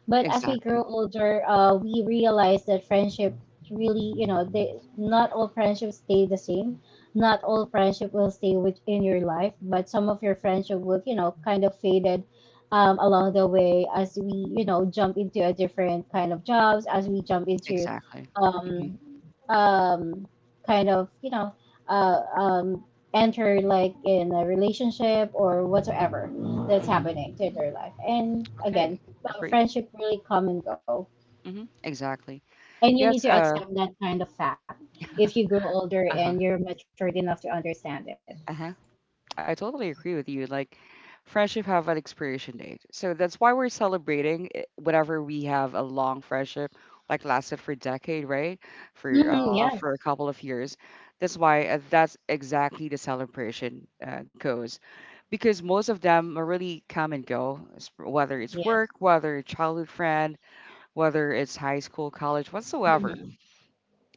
[SPEAKER 2] but as we grow
[SPEAKER 1] Exactly.
[SPEAKER 2] older we realize that friendship really you know they not all friendships stay the same not all friendship will stay within your life but some of your friendship will you know kind of faded along the way as we you know jump into a different kind of jobs as we jump into
[SPEAKER 1] Exactly.
[SPEAKER 2] um,
[SPEAKER 1] Mhm.
[SPEAKER 2] um, kind of, you know, uh, um, enter like in a relationship or whatsoever that's
[SPEAKER 1] Mhm.
[SPEAKER 2] happening to their life. And again,
[SPEAKER 1] Okay. Agree.
[SPEAKER 2] friendship really come and go.
[SPEAKER 1] Mhm. Exactly.
[SPEAKER 2] And you need
[SPEAKER 1] Yes,
[SPEAKER 2] to
[SPEAKER 1] uh,
[SPEAKER 2] accept that kind of fact if you grow older
[SPEAKER 1] uh-huh.
[SPEAKER 2] and you're matured enough to understand it.
[SPEAKER 1] Uh-huh. I totally agree with you. Like, friendship have an expiration date. So that's why we're celebrating it whenever we have a long friendship, like lasted for a decade, right?
[SPEAKER 2] Hmm. Yeah,
[SPEAKER 1] For a couple of years. That's why that's exactly the celebration goes because most of them are really come and go, whether it's
[SPEAKER 2] yes.
[SPEAKER 1] work, whether it's childhood friend, whether it's high school, college, whatsoever.
[SPEAKER 2] Hmm.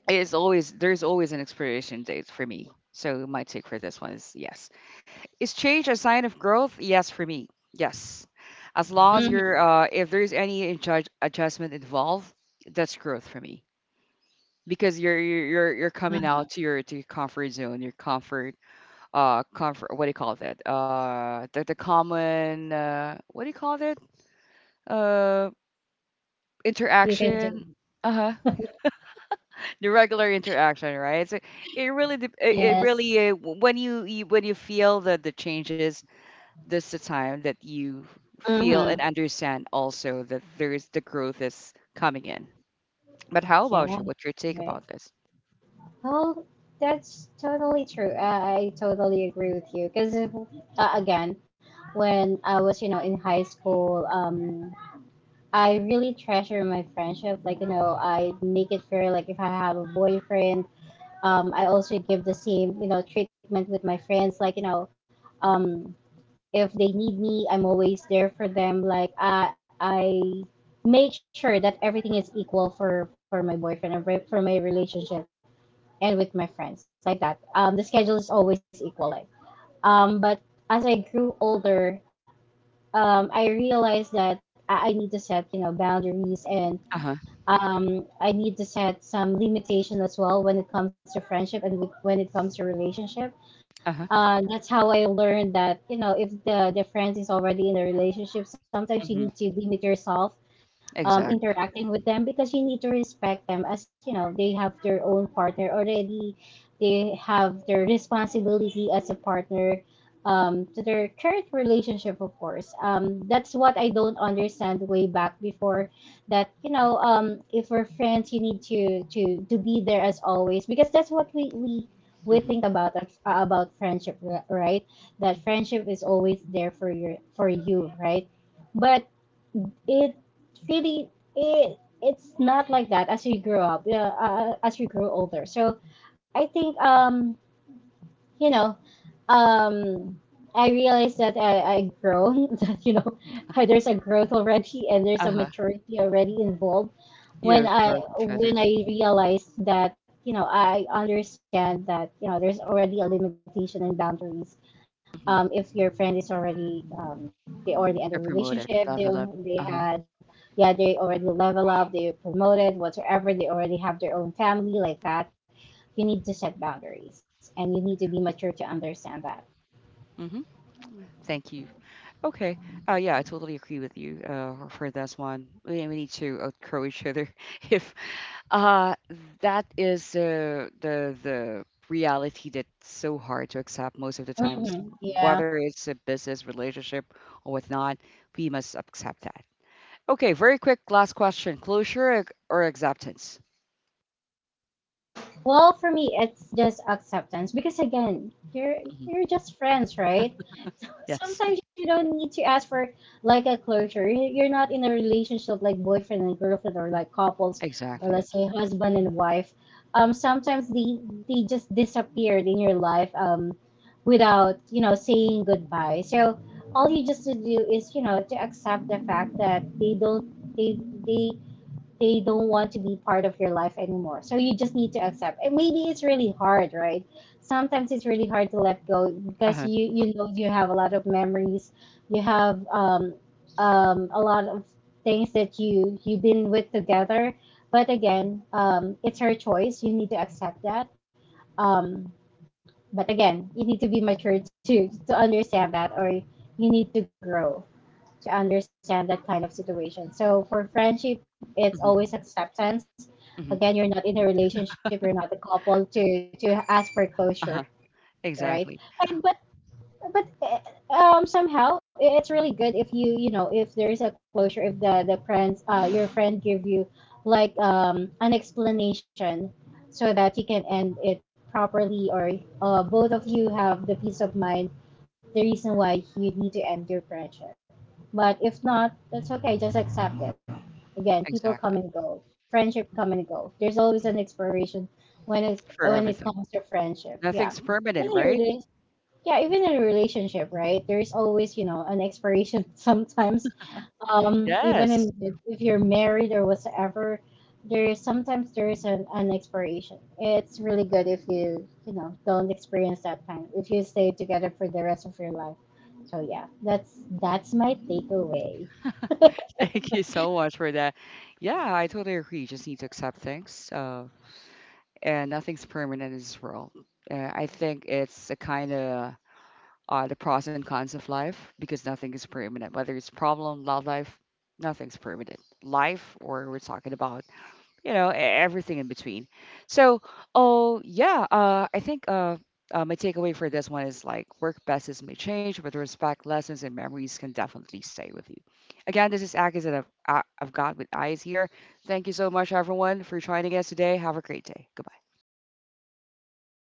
[SPEAKER 1] It's always there's always an expiration date for me. So my take for this one is yes. Is change a sign of growth? Yes, for me. Yes. As long as
[SPEAKER 2] Hmm.
[SPEAKER 1] you're, if there's any adjustment involved, that's growth for me because you're coming out to your comfort zone, your comfort, comfort. What do you call that? The common, what do you call that? Uh,
[SPEAKER 2] You can do.
[SPEAKER 1] interaction. Uh huh. The regular interaction, right? So it really, it it
[SPEAKER 2] Yes.
[SPEAKER 1] really, when you when you feel the changes. This the time that you
[SPEAKER 2] Hmm.
[SPEAKER 1] feel and understand also that there is the growth is coming in. But how
[SPEAKER 2] Yeah,
[SPEAKER 1] about you? What's your take
[SPEAKER 2] right.
[SPEAKER 1] about this?
[SPEAKER 2] Well, that's totally true. I totally agree with you because again, when I was you know in high school, I really treasure my friendship. Like you know, I make it fair. Like if I have a boyfriend, I also give the same you know treatment with my friends. Like you know, um, if they need me, I'm always there for them. Like I make sure that everything is equal for my boyfriend and for my relationship and with my friends like that. The schedule is always equal. Like, but as I grew older, I realized that I need to set you know boundaries and
[SPEAKER 1] Uh huh.
[SPEAKER 2] I need to set some limitations as well when it comes to friendship and with, when it comes to relationship.
[SPEAKER 1] Uh huh.
[SPEAKER 2] That's how I learned that if the friend is already in a relationship, sometimes you need
[SPEAKER 1] Hmm.
[SPEAKER 2] to limit yourself
[SPEAKER 1] Exactly.
[SPEAKER 2] interacting with them, because you need to respect them, as they have their own partner already. They have their responsibility as a partner to their current relationship, of course. That's what I don't understand way back before, that if we're friends, you need to be there as always, because that's what we think
[SPEAKER 1] Hmm.
[SPEAKER 2] about, about friendship, right? That friendship is always there for your, for you, right? But it really, it's not like that as you grow up, yeah, as you grow older. So I think, um you know um I realized that I grown that you know there's a growth already, and there's a
[SPEAKER 1] Uh huh.
[SPEAKER 2] maturity already involved. When
[SPEAKER 1] You
[SPEAKER 2] i
[SPEAKER 1] grow with each
[SPEAKER 2] when
[SPEAKER 1] other.
[SPEAKER 2] i
[SPEAKER 1] Hmm.
[SPEAKER 2] realized that I understand that there's already a limitation and boundaries.
[SPEAKER 1] Hmm.
[SPEAKER 2] If your friend is already they already had a
[SPEAKER 1] You're promoted.
[SPEAKER 2] relationship,
[SPEAKER 1] Love, love.
[SPEAKER 2] they
[SPEAKER 1] Uh huh.
[SPEAKER 2] had yeah, they already level up, they promoted whatsoever, they already have their own family like that. You need to set boundaries and you need to be mature to understand that.
[SPEAKER 1] Hmm. Thank you. Okay. Yeah, I totally agree with you for this one. We need to encourage each other. If uh, that is the reality that's so hard to accept most of the times,
[SPEAKER 2] Mhm. Yeah.
[SPEAKER 1] whether it's a business relationship or whatnot, we must accept that. Okay, very quick last question: closure or acceptance?
[SPEAKER 2] Well, for me, it's just acceptance, because again, you're
[SPEAKER 1] Hmm.
[SPEAKER 2] you're just friends, right? So
[SPEAKER 1] Yes,
[SPEAKER 2] sometimes you don't need to ask for like a closure. You- You're not in a relationship like boyfriend and girlfriend, or like couples, or let's
[SPEAKER 1] exactly.
[SPEAKER 2] say husband and wife. Sometimes they just disappeared in your life, um, without saying goodbye. So all you just to do is to accept the fact that they they don't want to be part of your life anymore. So you just need to accept. And maybe it's really hard, right? Sometimes it's really hard to let go,
[SPEAKER 1] Uh
[SPEAKER 2] because
[SPEAKER 1] huh.
[SPEAKER 2] you have a lot of memories, you have a lot of things that you've been with together. But again, it's her choice. You need to accept that. Um, but again, you need to be mature too, to understand that, or you need to grow to understand that kind of situation. So for friendship, it's always
[SPEAKER 1] Hmm.
[SPEAKER 2] acceptance.
[SPEAKER 1] Hmm.
[SPEAKER 2] Again, you're not in a relationship, you're not a couple to ask for
[SPEAKER 1] Uh
[SPEAKER 2] closure,
[SPEAKER 1] huh.
[SPEAKER 2] right?
[SPEAKER 1] Exactly.
[SPEAKER 2] And but somehow it's really good if if there is a closure, if the the friends your friend give you like an explanation, so that you can end it properly, or both of you have the peace of mind, the reason why you need to end your friendship. But if not, that's okay. Just accept it. Again, people come
[SPEAKER 1] Exactly.
[SPEAKER 2] and go. Friendship come and go. There's always an
[SPEAKER 1] Mhm.
[SPEAKER 2] expiration when
[SPEAKER 1] For
[SPEAKER 2] it
[SPEAKER 1] everything,
[SPEAKER 2] comes to friendship. Yeah,
[SPEAKER 1] nothing's
[SPEAKER 2] even in a
[SPEAKER 1] permanent, right?
[SPEAKER 2] relationship. Yeah, even in a relationship, right? There's always an expiration sometimes. Even in,
[SPEAKER 1] Yes.
[SPEAKER 2] if you're married or whatsoever, there is, sometimes there is an expiration. It's really good if don't experience that time. If you stay together for the rest of your life. So yeah, that's my takeaway.
[SPEAKER 1] Thank you so much for that. Yeah, I totally agree. You just need to accept things. And nothing's permanent in this world. I think it's a kind of the pros and cons of life because nothing is permanent. Whether it's problem, love life, nothing's permanent. Life, or we're talking about you know, everything in between. So, oh yeah, I think my takeaway for this one is like work methods may change, but the respect, lessons, and memories can definitely stay with you. Again, this is Agus that I've got with eyes here. Thank you so much, everyone, for joining us today. Have a great day. Goodbye.